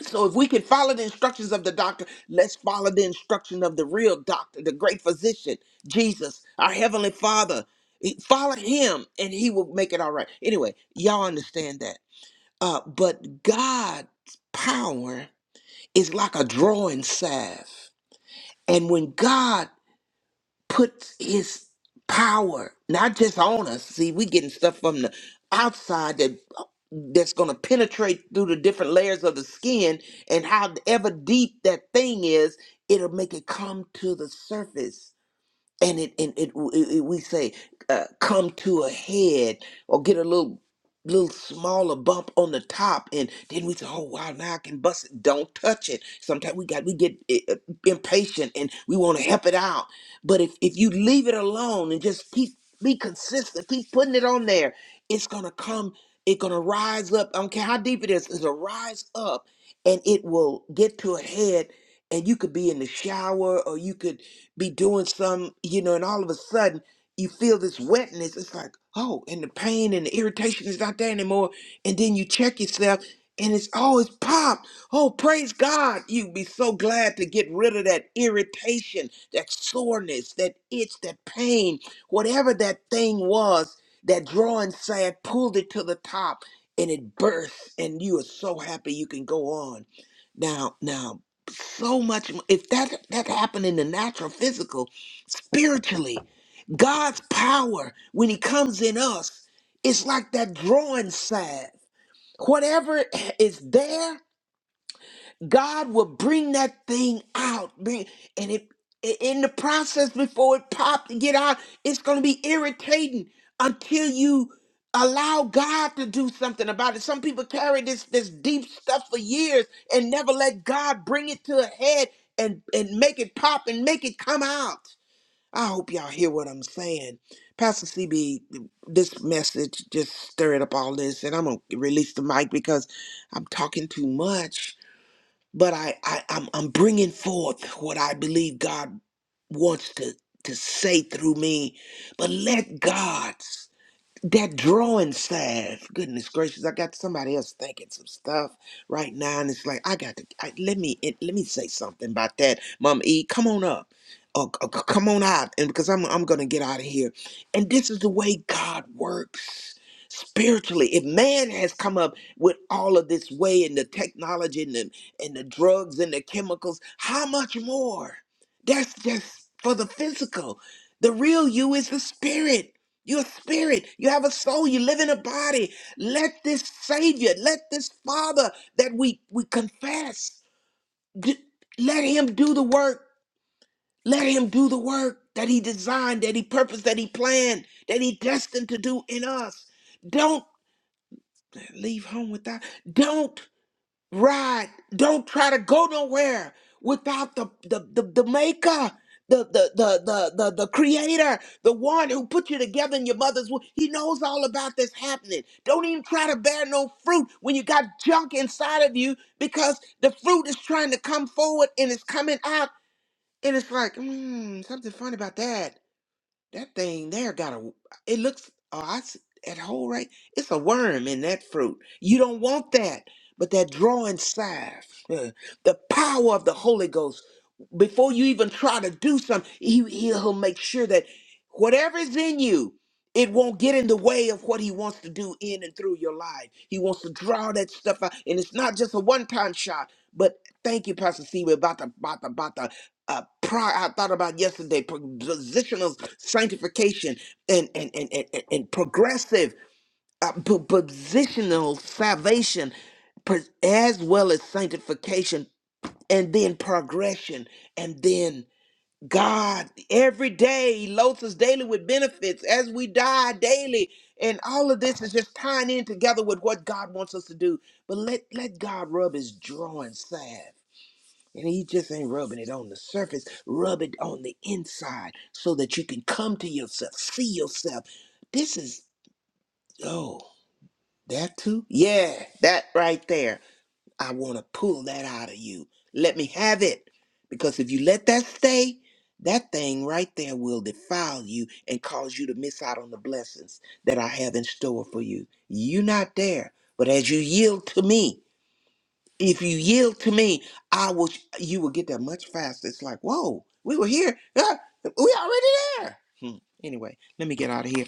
Speaker 3: so if we can follow the instructions of the doctor let's follow the instruction of the real doctor the great physician jesus our heavenly father He- follow him and he will make it all right anyway y'all understand that uh but god's power is like a drawing salve and when god puts his power not just on us. See, we getting stuff from the outside that that's going to penetrate through the different layers of the skin and however deep that thing is, it'll make it come to the surface and it and it, it, it- we say uh, come to a head or get a little little smaller bump on the top and then we say oh wow now i can bust it don't touch it sometimes we got we get uh, impatient and we want to help it out but if, if you leave it alone and just keep be consistent keep putting it on there it's gonna come it's gonna rise up i don't care how deep it is. It's gonna rise up and it will get to a head and you could be in the shower or you could be doing some, you know, and all of a sudden you feel this wetness. It's like, oh, and the pain and the irritation is not there anymore. And then you check yourself and it's oh, it's popped. Oh, praise God. you be so glad to get rid of that irritation, that soreness, that itch, that pain, whatever that thing was, that drawing sand pulled it to the top and it bursts and you are so happy you can go on. Now, now so much if that that happened in the natural physical spiritually god's power when he comes in us it's like that drawing side. whatever is there God will bring that thing out, bring, and it i- in the process before it pops to get out, it's going to be irritating until you allow God to do something about it. Some people carry this this deep stuff for years and never let God bring it to a head and and make it pop and make it come out. I hope y'all hear what I'm saying. Pastor CB, this message just stirred up all this, and I'm gonna release the mic because I'm talking too much but I, I I'm I'm bringing forth what I believe God wants to to say through me. But let God that drawing staff, goodness gracious, I got somebody else thinking some stuff right now, and it's like I got to I, let me it, let me say something about that, Mom E. Come on up, or, or c- come on out, and because I'm I'm gonna get out of here. And this is the way God works spiritually. If man has come up with all of this way and the technology and the and the drugs and the chemicals, how much more? That's just for the physical. The real you is the spirit. You're a spirit. You have a soul. You live in a body. Let this Savior, let this Father that we we confess, d- let Him do the work. Let Him do the work that He designed, that He purposed, that He planned, that He destined to do in us. Don't leave home without. Don't. Right. Don't try to go nowhere without the the the, the maker, the, the the the the the creator, the one who put you together in your mother's womb. He knows all about this happening. Don't even try to bear no fruit when you got junk inside of you because the fruit is trying to come forward and it's coming out and it's like, hmm, something fun about that. That thing there got a. It looks. Oh, I s- that hole right. It's a worm in that fruit. You don't want that. But that drawing inside, uh, the power of the Holy Ghost. Before you even try to do something, he, he'll make sure that whatever is in you, it won't get in the way of what he wants to do in and through your life. He wants to draw that stuff out, and it's not just a one-time shot. But thank you, Pastor C. We're about to, about to, about to uh, prior I thought about yesterday, pro- positional sanctification and and and and, and- and progressive uh, po- positional salvation, pro- as well as sanctification, and then progression, and then God every day loads us daily with benefits as we die daily. And all of this is just tying in together with what God wants us to do. But let, let God rub his drawing salve and he just ain't rubbing it on the surface. Rub it on the inside so that you can come to yourself, see yourself. This is, oh, that too? Yeah, that right there. I want to pull that out of you. Let me have it. Because if you let that stay, that thing right there will defile you and cause you to miss out on the blessings that I have in store for you. you are not there. But as you yield to me, if you yield to me, I will. You will get there much faster. It's like, whoa, we were here. Ah, we already there. Hmm. Anyway, let me get out of here.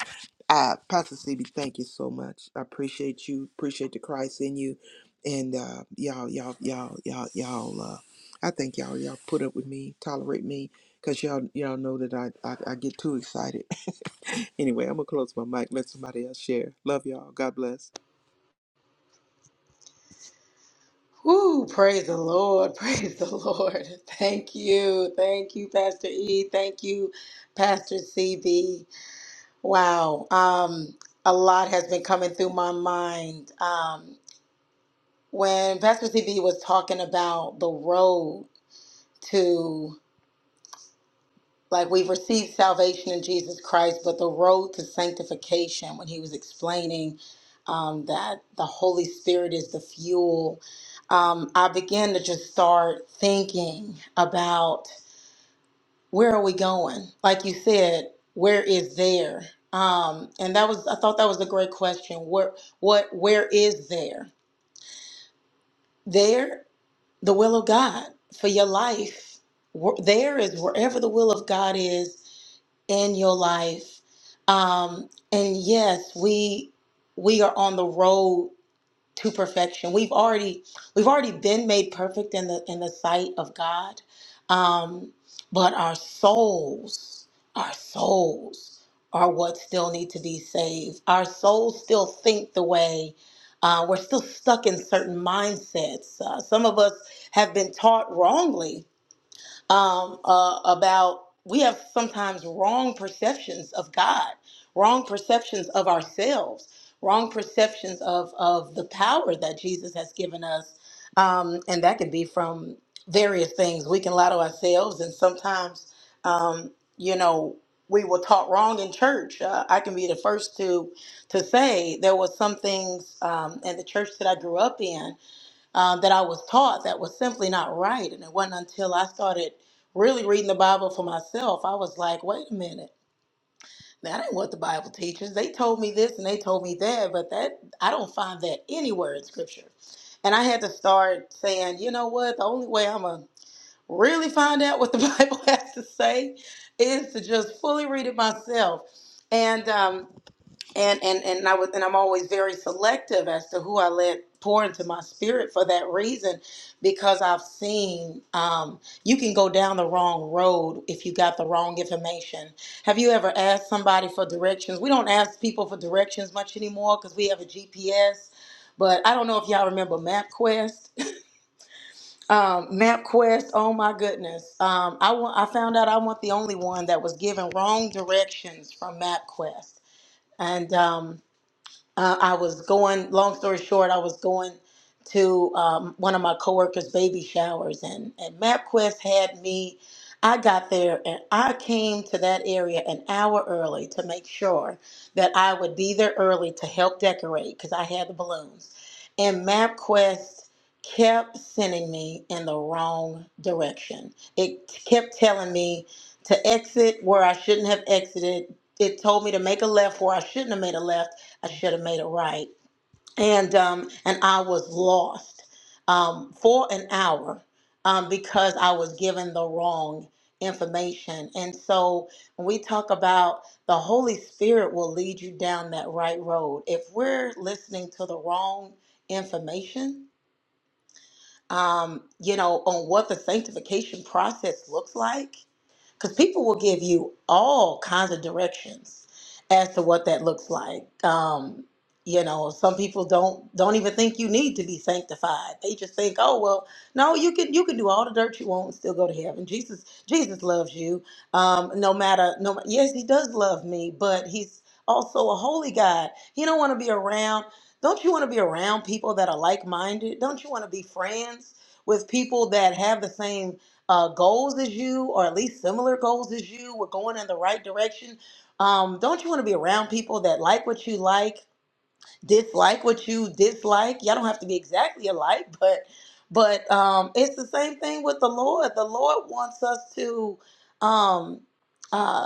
Speaker 3: Uh, Pastor CB, thank you so much. I appreciate you. Appreciate the Christ in you, and uh, y'all, y'all, y'all, y'all, y'all. Uh, I think y'all, y'all put up with me, tolerate me, cause y'all, y'all know that I, I, I get too excited. anyway, I'm gonna close my mic. Let somebody else share. Love y'all. God bless.
Speaker 4: Woo, praise the Lord, praise the Lord. Thank you, thank you, Pastor E, thank you, Pastor CB. Wow, um, a lot has been coming through my mind. Um, when Pastor CB was talking about the road to Like we've received salvation in Jesus Christ, but the road to sanctification, when he was explaining um, that the Holy Spirit is the fuel, um, I began to just start thinking about where are we going? Like you said, where is there? Um, and that was I thought that was a great question. Where what where is there? There the will of God for your life. Wh- There is wherever the will of God is, in your life. Um, and yes, we we are on the road to perfection. We've already we've already been made perfect in the in the sight of God. Um, but our souls, our souls are what still need to be saved. Our souls still think the way. Uh, we're still stuck in certain mindsets. Uh, some of us have been taught wrongly um, uh, about we have sometimes wrong perceptions of God, wrong perceptions of ourselves, wrong perceptions of of the power that Jesus has given us, um, and that can be from various things. We can lie to ourselves, and sometimes, um, you know. We were taught wrong in church. Uh, I can be the first to to say there was some things um, in the church that I grew up in um, that I was taught that was simply not right. And it wasn't until I started really reading the Bible for myself, I was like, wait a minute. That ain't what the Bible teaches. They told me this and they told me that, but that I don't find that anywhere in Scripture. And I had to start saying, you know what? The only way I'm gonna really find out what the Bible has to say is to just fully read it myself. And um, and and and I was and I'm always very selective as to who I let pour into my spirit for that reason, because I've seen um, you can go down the wrong road if you got the wrong information. Have you ever asked somebody for directions? We don't ask people for directions much anymore because we have a GPS. But I don't know if y'all remember MapQuest. Um, MapQuest, oh my goodness. Um, I, wa- I found out I wasn't the only one that was given wrong directions from MapQuest. And um, uh, I was going. Long story short, I was going to um, one of my coworkers' baby showers, and and MapQuest had me. I got there and I came to that area an hour early to make sure that I would be there early to help decorate because I had the balloons. And MapQuest kept sending me in the wrong direction. It kept telling me to exit where I shouldn't have exited. It told me to make a left where I shouldn't have made a left I should have made it right. And um, and I was lost um, for an hour um, because I was given the wrong information. And so when we talk about the Holy Spirit will lead you down that right road. If we're listening to the wrong information, um, you know, on what the sanctification process looks like, because people will give you all kinds of directions as to what that looks like. Um, you know, some people don't don't even think you need to be sanctified. They just think, oh well, no, you can you can do all the dirt you want and still go to heaven. Jesus Jesus loves you, um, no matter no. Yes, he does love me, but he's also a holy God. He don't want to be around. Don't you want to be around people that are like minded? Don't you want to be friends with people that have the same uh, goals as you, or at least similar goals as you, we're going in the right direction. Um, don't you want to be around people that like what you like, dislike what you dislike? Y'all don't have to be exactly alike, but but um, it's the same thing with the Lord. The Lord wants us to um, uh,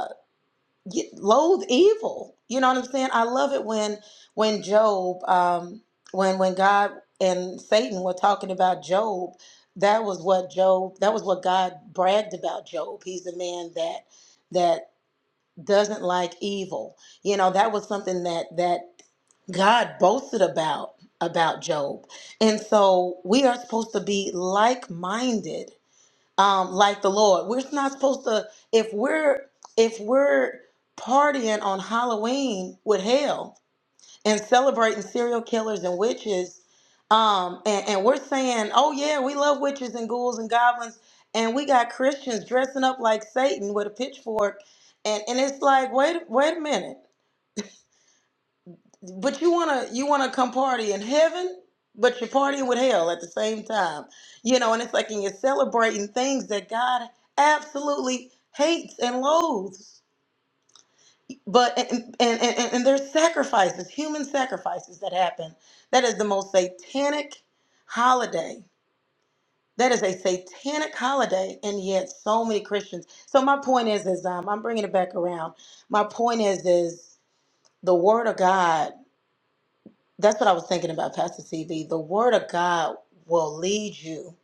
Speaker 4: y- loathe evil. You know what I'm saying? I love it when when Job, um, when when God and Satan were talking about Job. That was what Job. That was what God bragged about Job. He's a man that that doesn't like evil. You know that was something that that God boasted about about Job. And so we are supposed to be like minded um, like the Lord. We're not supposed to if we're if we're partying on Halloween with hell and celebrating serial killers and witches, um, and, and we're saying, oh yeah, we love witches and ghouls and goblins, and we got Christians dressing up like Satan with a pitchfork, and and it's like, wait, wait a minute. But you wanna you wanna come party in heaven, but you're partying with hell at the same time. You know, and it's like and you're celebrating things that God absolutely hates and loathes. But and and, and, and there's sacrifices, human sacrifices that happen. That is the most satanic holiday. That is a satanic holiday, and yet so many Christians. So my point is, is um, I'm bringing it back around. My point is, is the Word of God. That's what I was thinking about, Pastor CV. The Word of God will lead you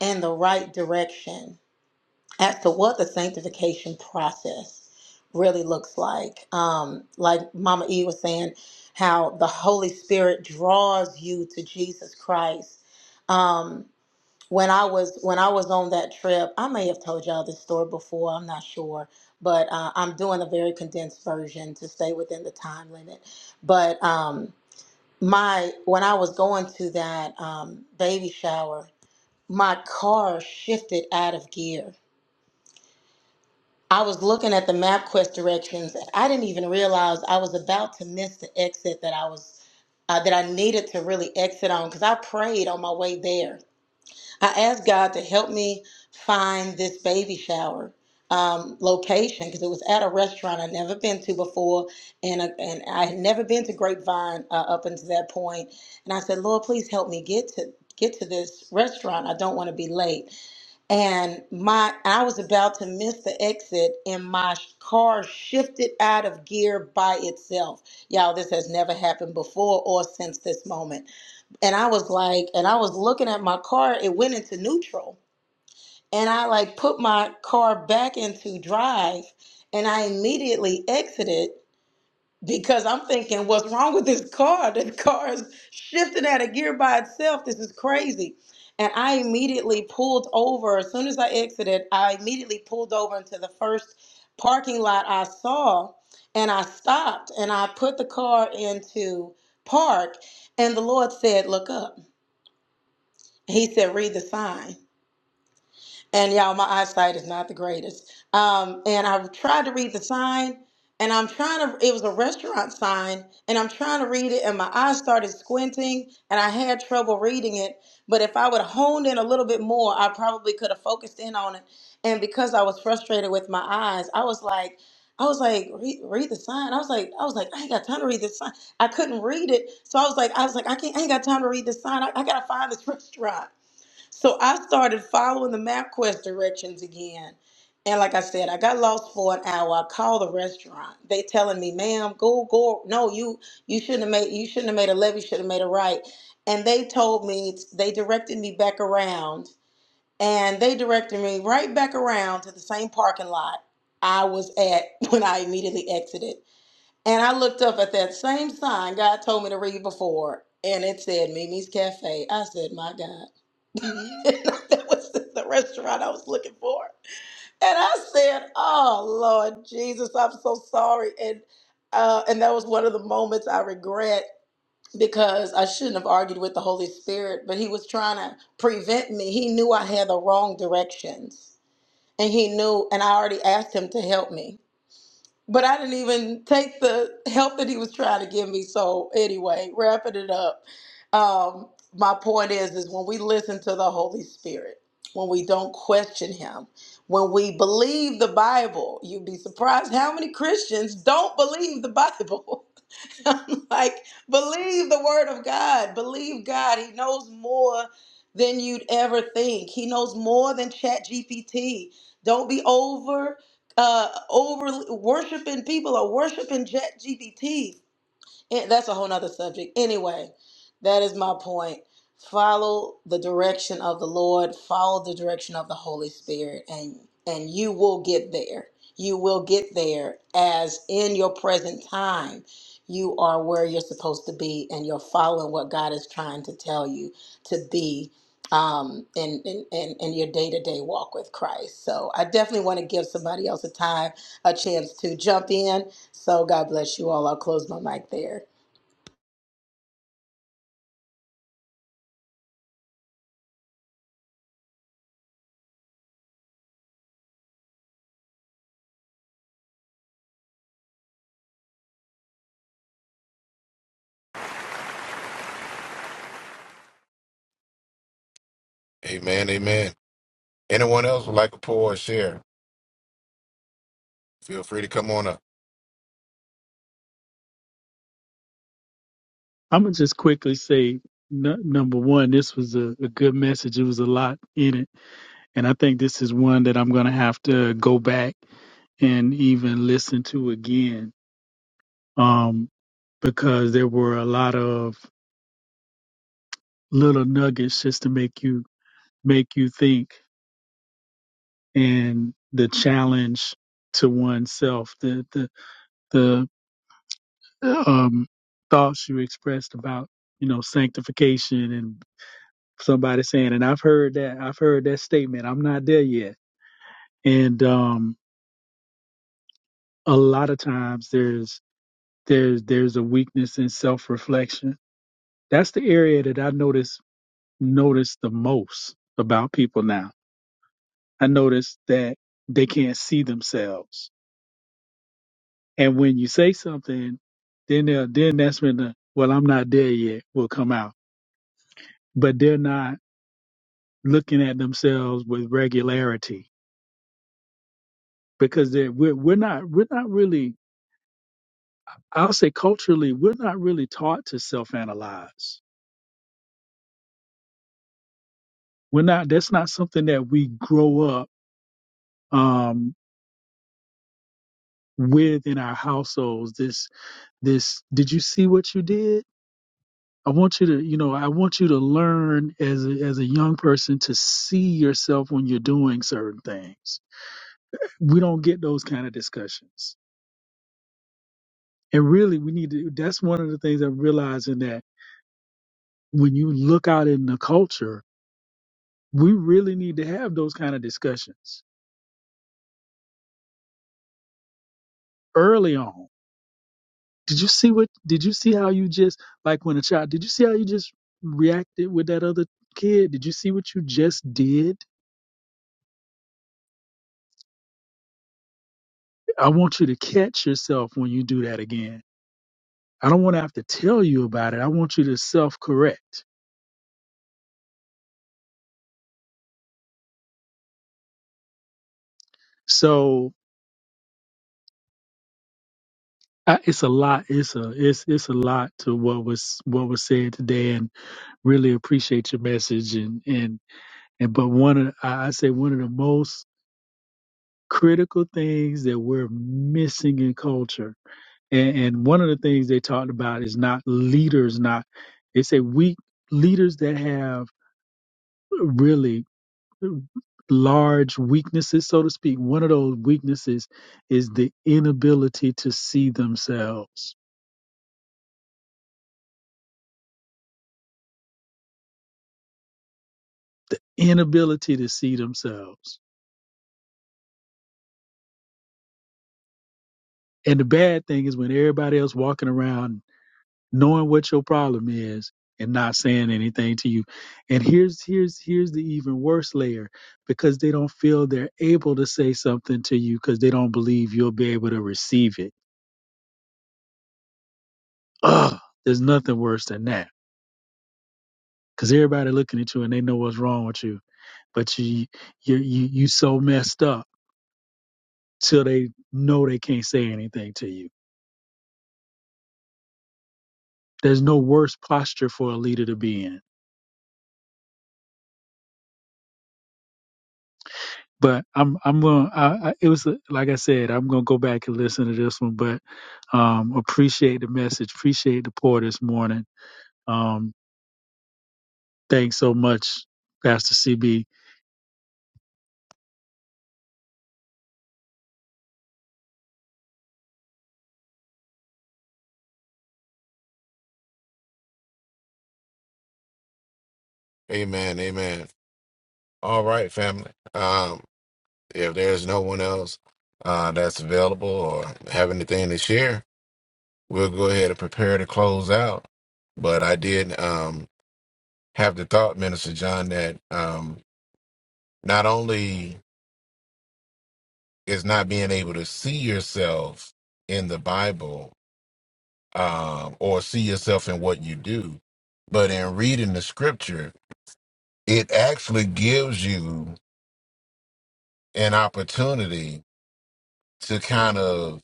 Speaker 4: in the right direction as to what the sanctification process really looks like. Um, like Mama E was saying, how the Holy Spirit draws you to Jesus Christ. Um, when I was when I was on that trip, I may have told y'all this story before. I'm not sure, but uh, I'm doing a very condensed version to stay within the time limit. But um, my when I was going to that um, baby shower, my car shifted out of gear. I was looking at the MapQuest directions, and I didn't even realize I was about to miss the exit that I was uh, that I needed to really exit on because I prayed on my way there I asked God to help me find this baby shower um, location because it was at a restaurant I'd never been to before, and uh, and I had never been to Grapevine uh, up until that point. And I said, Lord, please help me get to get to this restaurant. I don't want to be late. And my I was about to miss the exit, and my car shifted out of gear by itself. Y'all, this has never happened before or since this moment and I was like, and I was looking at my car, it went into neutral. And I like put my car back into drive and I immediately exited because I'm thinking, what's wrong with this car? The car is shifting out of gear by itself. This is crazy. And I immediately pulled over. As soon as I exited, I immediately pulled over into the first parking lot I saw and I stopped and I put the car into park. And the Lord said, Look up he said read the sign and y'all my eyesight is not the greatest um, and i tried to read the sign and i'm trying to it was a restaurant sign and i'm trying to read it and my eyes started squinting and i had trouble reading it but if i would have honed in a little bit more i probably could have focused in on it and because i was frustrated with my eyes i was like I was like, read, read the sign. I was like, I was like, I ain't got time to read this sign. I couldn't read it, so I was like, I was like, I can't. I ain't got time to read this sign. I, I gotta find this restaurant. So I started following the MapQuest directions again. And like I said, I got lost for an hour. I called the restaurant. They telling me, ma'am, go, go. No, you you shouldn't have made you shouldn't have made a left, you should have made a right. And they told me they directed me back around. And they directed me right back around to the same parking lot I was at when I immediately exited. And I looked up at that same sign God told me to read before, and it said Mimi's Cafe. I said, My God. that was the restaurant I was looking for. And I said, Oh, Lord Jesus, I'm so sorry. And uh, and that was one of the moments I regret because I shouldn't have argued with the Holy Spirit, but he was trying to prevent me. He knew I had the wrong directions. And he knew, and I already asked him to help me but I didn't even take the help that he was trying to give me. So anyway, wrapping it up. Um, my point is, is when we listen to the Holy Spirit, when we don't question Him, when we believe the Bible, you'd be surprised how many Christians don't believe the Bible. I'm like, believe the word of God. Believe God. He knows more than you'd ever think. He knows more than Chat GPT. Don't be over uh over worshiping people or worshiping Chat GPT. And that's a whole nother subject. Anyway, that is my point. Follow the direction of the Lord, follow the direction of the Holy Spirit, and and you will get there. You will get there as in your present time, you are where you're supposed to be and you're following what God is trying to tell you to be um in in, in, in your day-to-day walk with Christ. So I definitely want to give somebody else a time, a chance to jump in so God bless you all. I'll close my mic there.
Speaker 2: Amen. Amen. Anyone else would like to pour or share? Feel free to come on up.
Speaker 5: I'm gonna just quickly say n- number one, this was a, a good message. It was a lot in it, and I think this is one that I'm gonna have to go back and even listen to again, um, because there were a lot of little nuggets just to make you make you think, and the challenge to oneself, the the the um, thoughts you expressed about you know sanctification somebody saying, and I've heard that I've heard that statement. I'm not there yet, and um, a lot of times there's there's there's a weakness in self reflection. That's the area that I notice notice the most about people now. I notice that they can't see themselves, and when you say something, then they'll- then that's when the well I'm not there yet will come out, but they're not looking at themselves with regularity because they're we're, we're not we're not really I'll say culturally, we're not really taught to self-analyze. We're not. That's not something that we grow up um, with in our households. This, this. Did you see what you did? I want you to, you know, I want you to learn as a, as a young person to see yourself when you're doing certain things. We don't get those kind of discussions, and really, we need to. That's one of the things I'm realizing that when you look out in the culture, we really need to have those kind of discussions early on Did you see what? Did you see how you just like when a child? Did you see how you just reacted with that other kid? Did you see what you just did? I want you to catch yourself when you do that again. I don't want to have to tell you about it. I want you to self-correct. So I, it's a lot. It's a it's it's a lot to what was what was said today, and really appreciate your message. And and and but one of the- I I say one of the most critical things that we're missing in culture And, and one of the things they talked about is not leaders, not they say weak leaders that have really large weaknesses, so to speak. One of those weaknesses is the inability to see themselves, the inability to see themselves. And the bad thing is when everybody else walking around knowing what your problem is and not saying anything to you. And here's here's here's the even worse layer because they don't feel they're able to say something to you because they don't believe you'll be able to receive it. Ugh, there's nothing worse than that. Cause everybody looking at you and they know what's wrong with you, but you you you you so messed up till they know they can't say anything to you. There's no worse posture for a leader to be in but I'm I'm gonna. I, I, it was a, like I said, I'm gonna go back and listen to this one. But um, appreciate the message. Appreciate the pour this morning. Um, thanks so much, Pastor CB.
Speaker 2: Amen. Amen. All right, family. Um, if there's no one else uh, that's available or have anything to share, we'll go ahead and prepare to close out. But I did um, have the thought, Minister John, that um, not only is not being able to see yourself in the Bible um, or see yourself in what you do, but in reading the scripture, it actually gives you an opportunity to kind of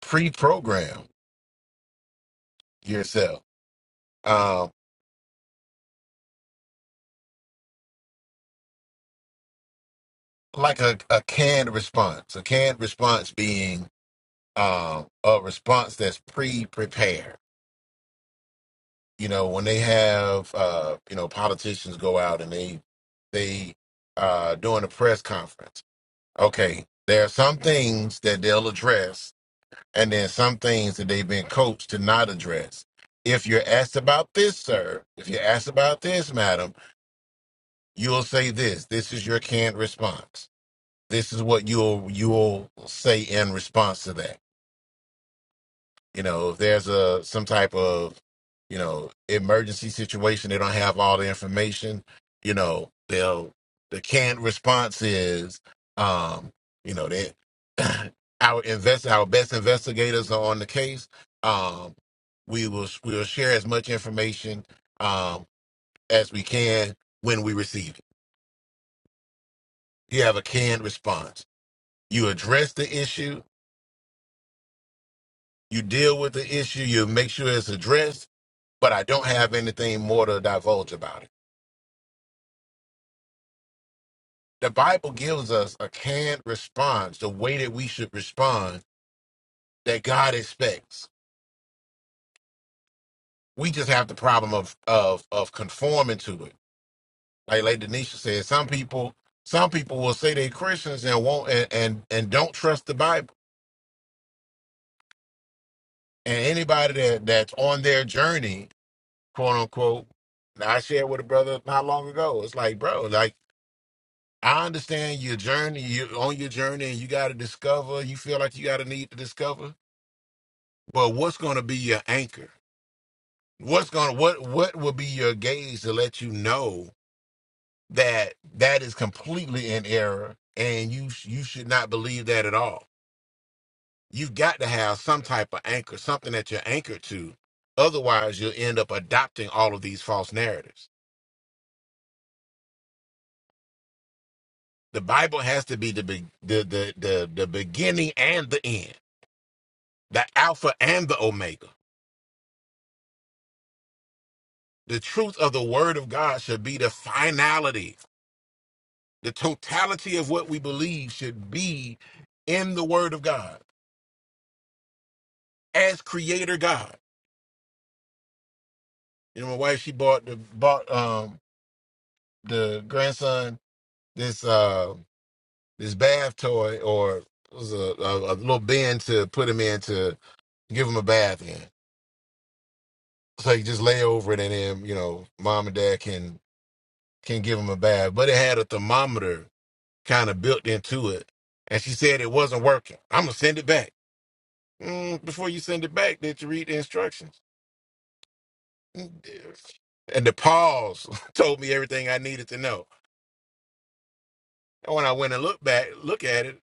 Speaker 2: pre-program yourself um like a, a canned response a canned response being um a response that's pre-prepared you know when they have uh you know politicians go out and they they uh doing a press conference okay there are some things that they'll address and then some things that they've been coached to not address if you're asked about this sir if you're asked about this madam you'll say this this is your canned response this is what you'll you'll say in response to that. You know, if there's a some type of you know emergency situation, they don't have all the information. You know, they'll the canned response is, um, you know, that our invest our best investigators are on the case. Um, we will we will share as much information um, as we can when we receive it. You have a canned response. You address the issue You deal with the issue, you make sure it's addressed, but I don't have anything more to divulge about it. The Bible gives us a canned response, the way that we should respond that God expects. We just have the problem of of of conforming to it. Like Lady Denisha said, some people some people will say they're Christians and won't and and, and don't trust the Bible. And anybody that, that's on their journey, quote unquote, and I shared with a brother not long ago. It's like, bro, like I understand your journey. You're on your journey, and you got to discover. You feel like you got a need to discover. But what's going to be your anchor? What's going to what what will be your gauge to let you know that that is completely in error, and you sh- you should not believe that at all. You've got to have some type of anchor, something that you're anchored to. Otherwise, you'll end up adopting all of these false narratives. The Bible has to be the be- the the the, the beginning and the end, the Alpha and the Omega The truth of the word of God should be the finality. The totality of what we believe should be in the word of God as creator God. You know, my wife, she bought the bought um the grandson this uh this bath toy or it was a, a, a little bin to put him in to give him a bath in. So he just lay over it and then, you know, mom and dad can can give him a bath. But it had a thermometer kind of built into it. And she said it wasn't working. I'm gonna send it back. Mm, before you send it back, did you read the instructions? Mm, dear. And the pause told me everything I needed to know. And when I went and looked back, look at it,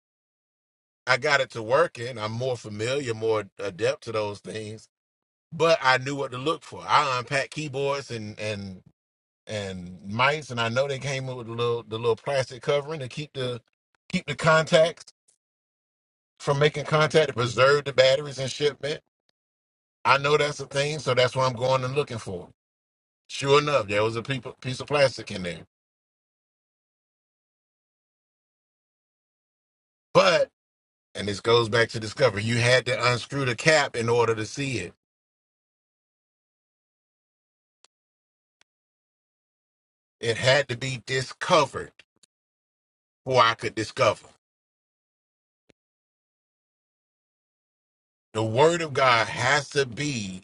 Speaker 2: I got it to working. I'm more familiar, more adept to those things. But I knew what to look for. I unpacked keyboards and and and mice, and I know they came with the little the little plastic covering to keep the keep the contacts from making contact to preserve the batteries and shipment. I know that's a thing, so that's what I'm going and looking for. Sure enough, there was a peop- piece of plastic in there. But, and this goes back to discovery, you had to unscrew the cap in order to see it. It had to be discovered before I could discover. The word of God has to be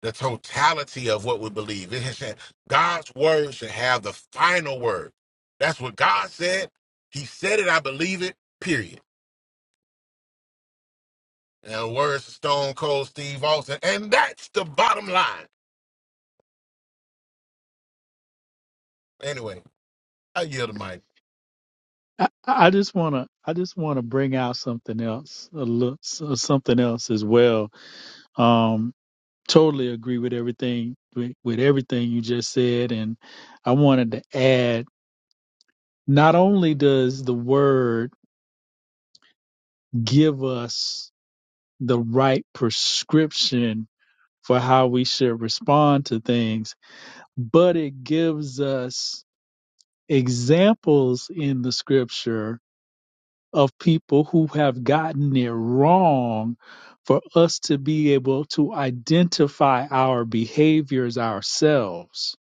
Speaker 2: the totality of what we believe. It should, God's word should have the final word. That's what God said. He said it, I believe it, period. And the words of Stone Cold Steve Austin. And that's the bottom line. Anyway, I yield the mic.
Speaker 5: I, I just wanna I just wanna bring out something else, a look, something else as well. Um, totally agree with everything with, with everything you just said, and I wanted to add. Not only does the word give us the right prescription for how we should respond to things, but it gives us examples in the scripture of people who have gotten it wrong for us to be able to identify our behaviors ourselves.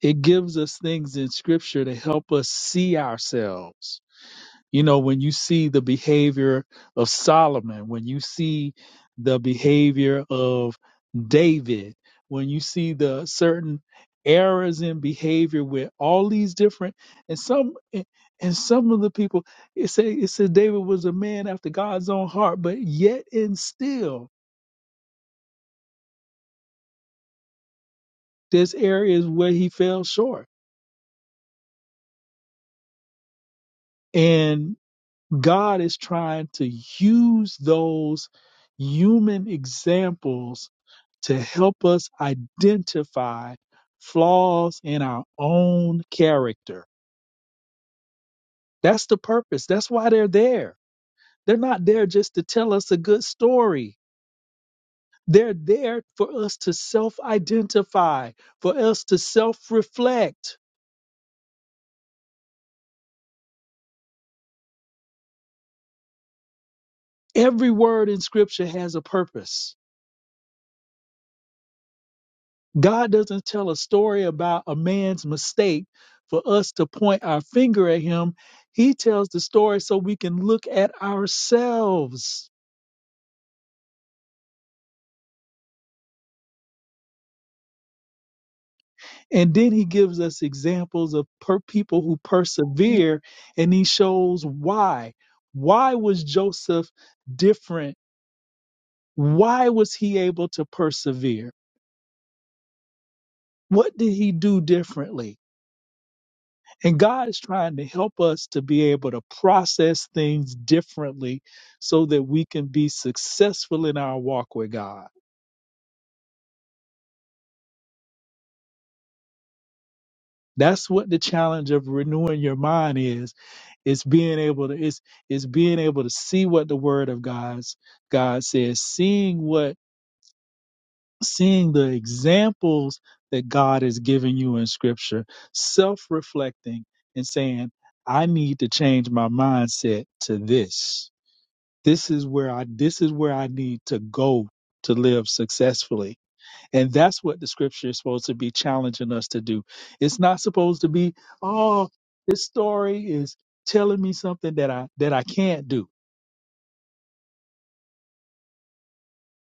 Speaker 5: It gives us things in scripture to help us see ourselves You know, when you see the behavior of Solomon, when you see the behavior of David, when you see the certain errors in behavior with all these different and some and some of the people it say it says David was a man after God's own heart, but yet and still there's areas where he fell short. and. God is trying to use those human examples to help us identify flaws in our own character. That's the purpose. That's why they're there. They're not there just to tell us a good story. They're there for us to self identify, for us to self reflect. Every word in scripture has a purpose. God doesn't tell a story about a man's mistake for us to point our finger at him. He tells the story so we can look at ourselves. And then he gives us examples of per- people who persevere and he shows why. Why was Joseph different? Why was he able to persevere? What did he do differently? And God is trying to help us to be able to process things differently so that we can be successful in our walk with God. That's what the challenge of renewing your mind is. It's being able to it's, it's being able to see what the word of God's God says, seeing what seeing the examples that God has given you in scripture, self-reflecting and saying, I need to change my mindset to this. This is where I this is where I need to go to live successfully. And that's what the scripture is supposed to be challenging us to do. It's not supposed to be, oh, this story is telling me something that I that I can't do.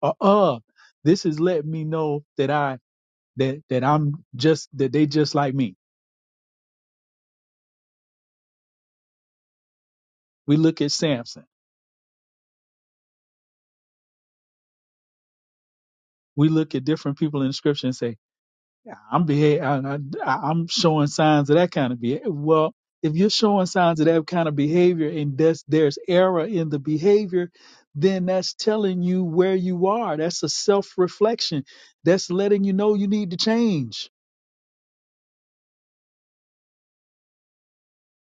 Speaker 5: Or uh this is letting me know that I that that I'm just that they just like me. We look at Samson. We look at different people in the scripture and say, Yeah, I'm behave, I, I, I'm showing signs of that kind of behavior. Well, if you're showing signs of that kind of behavior and that's, there's error in the behavior, then that's telling you where you are. That's a self reflection. That's letting you know you need to change.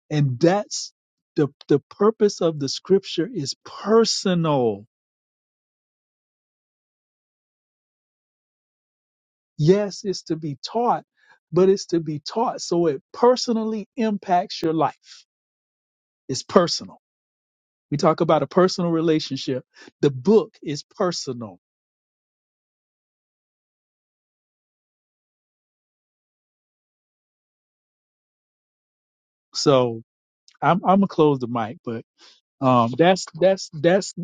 Speaker 5: And that's the, the purpose of the scripture is personal. Yes, it's to be taught, but it's to be taught so it personally impacts your life. It's personal We talk about a personal relationship. The book is personal. So I'm I'm gonna close the mic, but um, that's that's that's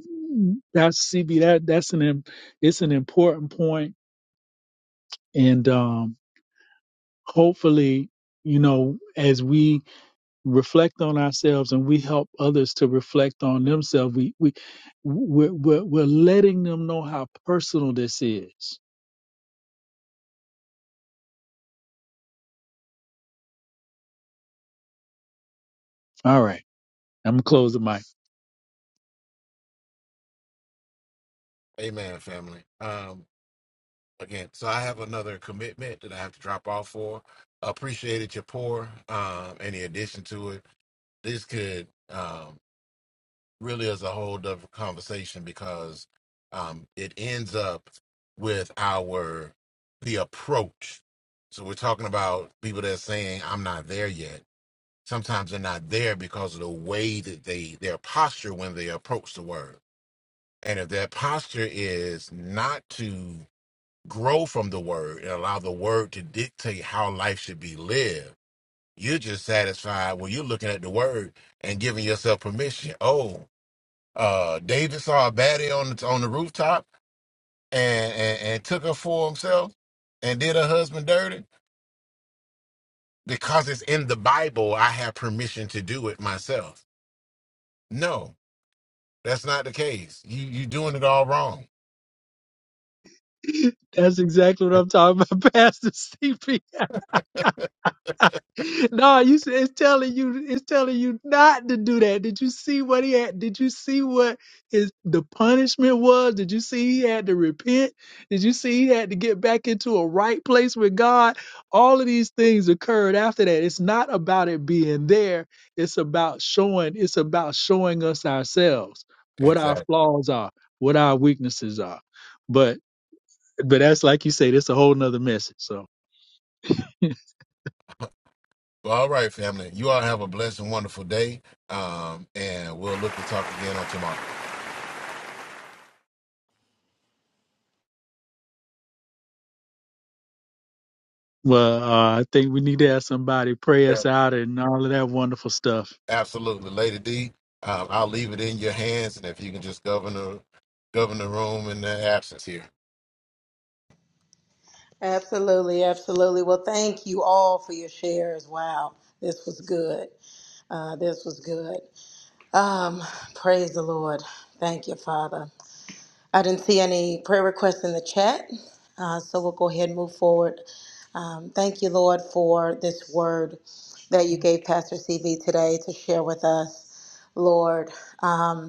Speaker 5: that's CB. That that's an im- it's an important point, and um, hopefully, you know, as we reflect on ourselves and we help others to reflect on themselves, we we we're we're, we're letting them know how personal this is. All right, I'm gonna close the mic.
Speaker 2: Amen, family. Um, again, so I have another commitment that I have to drop off for. Appreciated your pour. Um, any addition to it, this could um really is a whole different conversation because um it ends up with our the approach. So we're talking about people that are saying I'm not there yet. Sometimes they're not there because of the way that they their posture when they approach the word And if that posture is not to grow from the word and allow the word to dictate how life should be lived, you're just satisfied when you're looking at the word and giving yourself permission. Oh, uh, David saw a baddie on the, on the rooftop and, and, and took her for himself and did her husband dirty because it's in the Bible. I have permission to do it myself. No, that's not the case. You you doing it all wrong.
Speaker 5: That's exactly what I'm talking about, Pastor CP. No, you s- it's telling you it's telling you not to do that. Did you see what he had? Did you see what his the punishment was? Did you see he had to repent? Did you see he had to get back into a right place with God? All of these things occurred after that. It's not about it being there. It's about showing it's about showing us ourselves what our
Speaker 2: Exactly.
Speaker 5: flaws are, what our weaknesses are. But but that's like you say, that's a whole nother message. So
Speaker 2: Well, all right, family. You all have a blessed and wonderful day. Um, and we'll look to talk again on tomorrow.
Speaker 5: Well, uh, I think we need to have somebody pray
Speaker 2: Yeah.
Speaker 5: us out and all of that wonderful stuff.
Speaker 2: Absolutely. Lady D, um, I'll leave it in your hands. And if you can just govern the, govern the room in the absence here.
Speaker 4: Absolutely, absolutely. Well, thank you all for your shares. Wow, this was good. Uh, this was good. Um, praise the Lord. Thank you, Father. I didn't see any prayer requests in the chat, uh, so we'll go ahead and move forward. Um, thank you, Lord, for this word that you gave Pastor CB today to share with us, Lord. Um,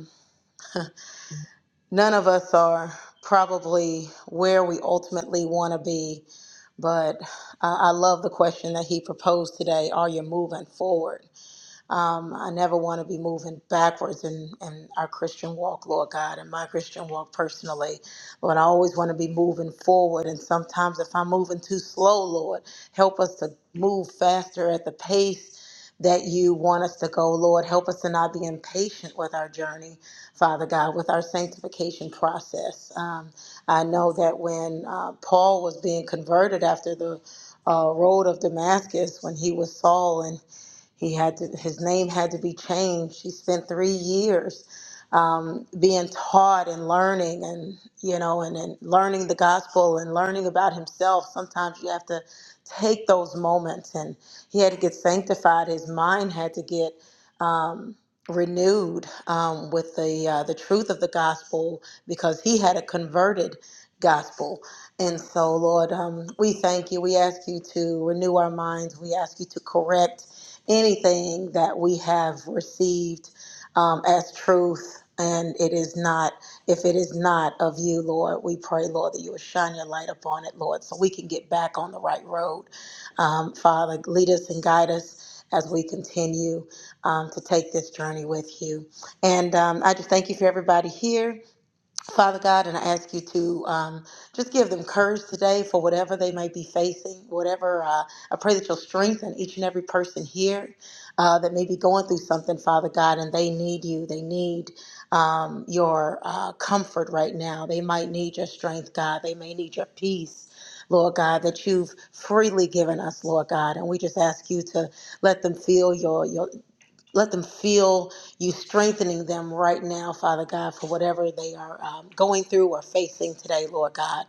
Speaker 4: none of us are probably where we ultimately want to be, but I I love the question that he proposed today. Are you moving forward? Um, I never want to be moving backwards in, in our Christian walk, Lord God, and my Christian walk personally. Lord, I always want to be moving forward. And sometimes if I'm moving too slow, Lord, help us to move faster at the pace that you want us to go, Lord. Help us to not be impatient with our journey, Father God, with our sanctification process. Um, I know that when uh, Paul was being converted after the uh, road of Damascus, when he was Saul, and he had to, his name had to be changed. He spent three years um, being taught and learning, and you know, and, and learning the gospel and learning about himself. Sometimes you have to take those moments, and he had to get sanctified. His mind had to get um, renewed um, with the uh, the truth of the gospel because he had a converted gospel. And so, Lord, um, we thank you. We ask you to renew our minds. We ask you to correct anything that we have received um, as truth and it is not if it is not of you lord we pray lord that you would shine your light upon it lord so we can get back on the right road um, father lead us and guide us as we continue um, to take this journey with you and um, i just thank you for everybody here Father God, and I ask you to um, just give them courage today for whatever they may be facing, whatever. Uh, I pray that you'll strengthen each and every person here uh, that may be going through something, Father God, and they need you. They need um, your uh, comfort right now. They might need your strength, God. They may need your peace. Lord God, that you've freely given us, Lord God, and we just ask you to let them feel your your let them feel you strengthening them right now, Father God, for whatever they are um, going through or facing today, Lord God.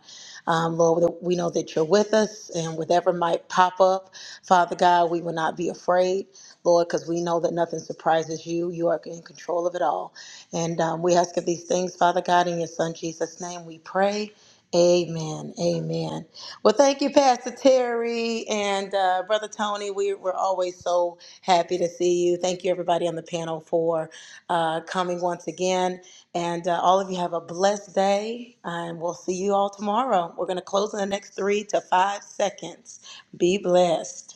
Speaker 4: Um, Lord, we know that you're with us, and whatever might pop up, Father God, we will not be afraid, Lord, because we know that nothing surprises you. You are in control of it all. And um, we ask of these things, Father God, in your Son Jesus' name we pray. Amen. Amen. Well, thank you, Pastor Terry and uh, Brother Tony. We, we're always so happy to see you. Thank you, everybody on the panel, for uh, coming once again. And uh, all of you have a blessed day, and we'll see you all tomorrow. We're going to close in the next three to five seconds. Be blessed.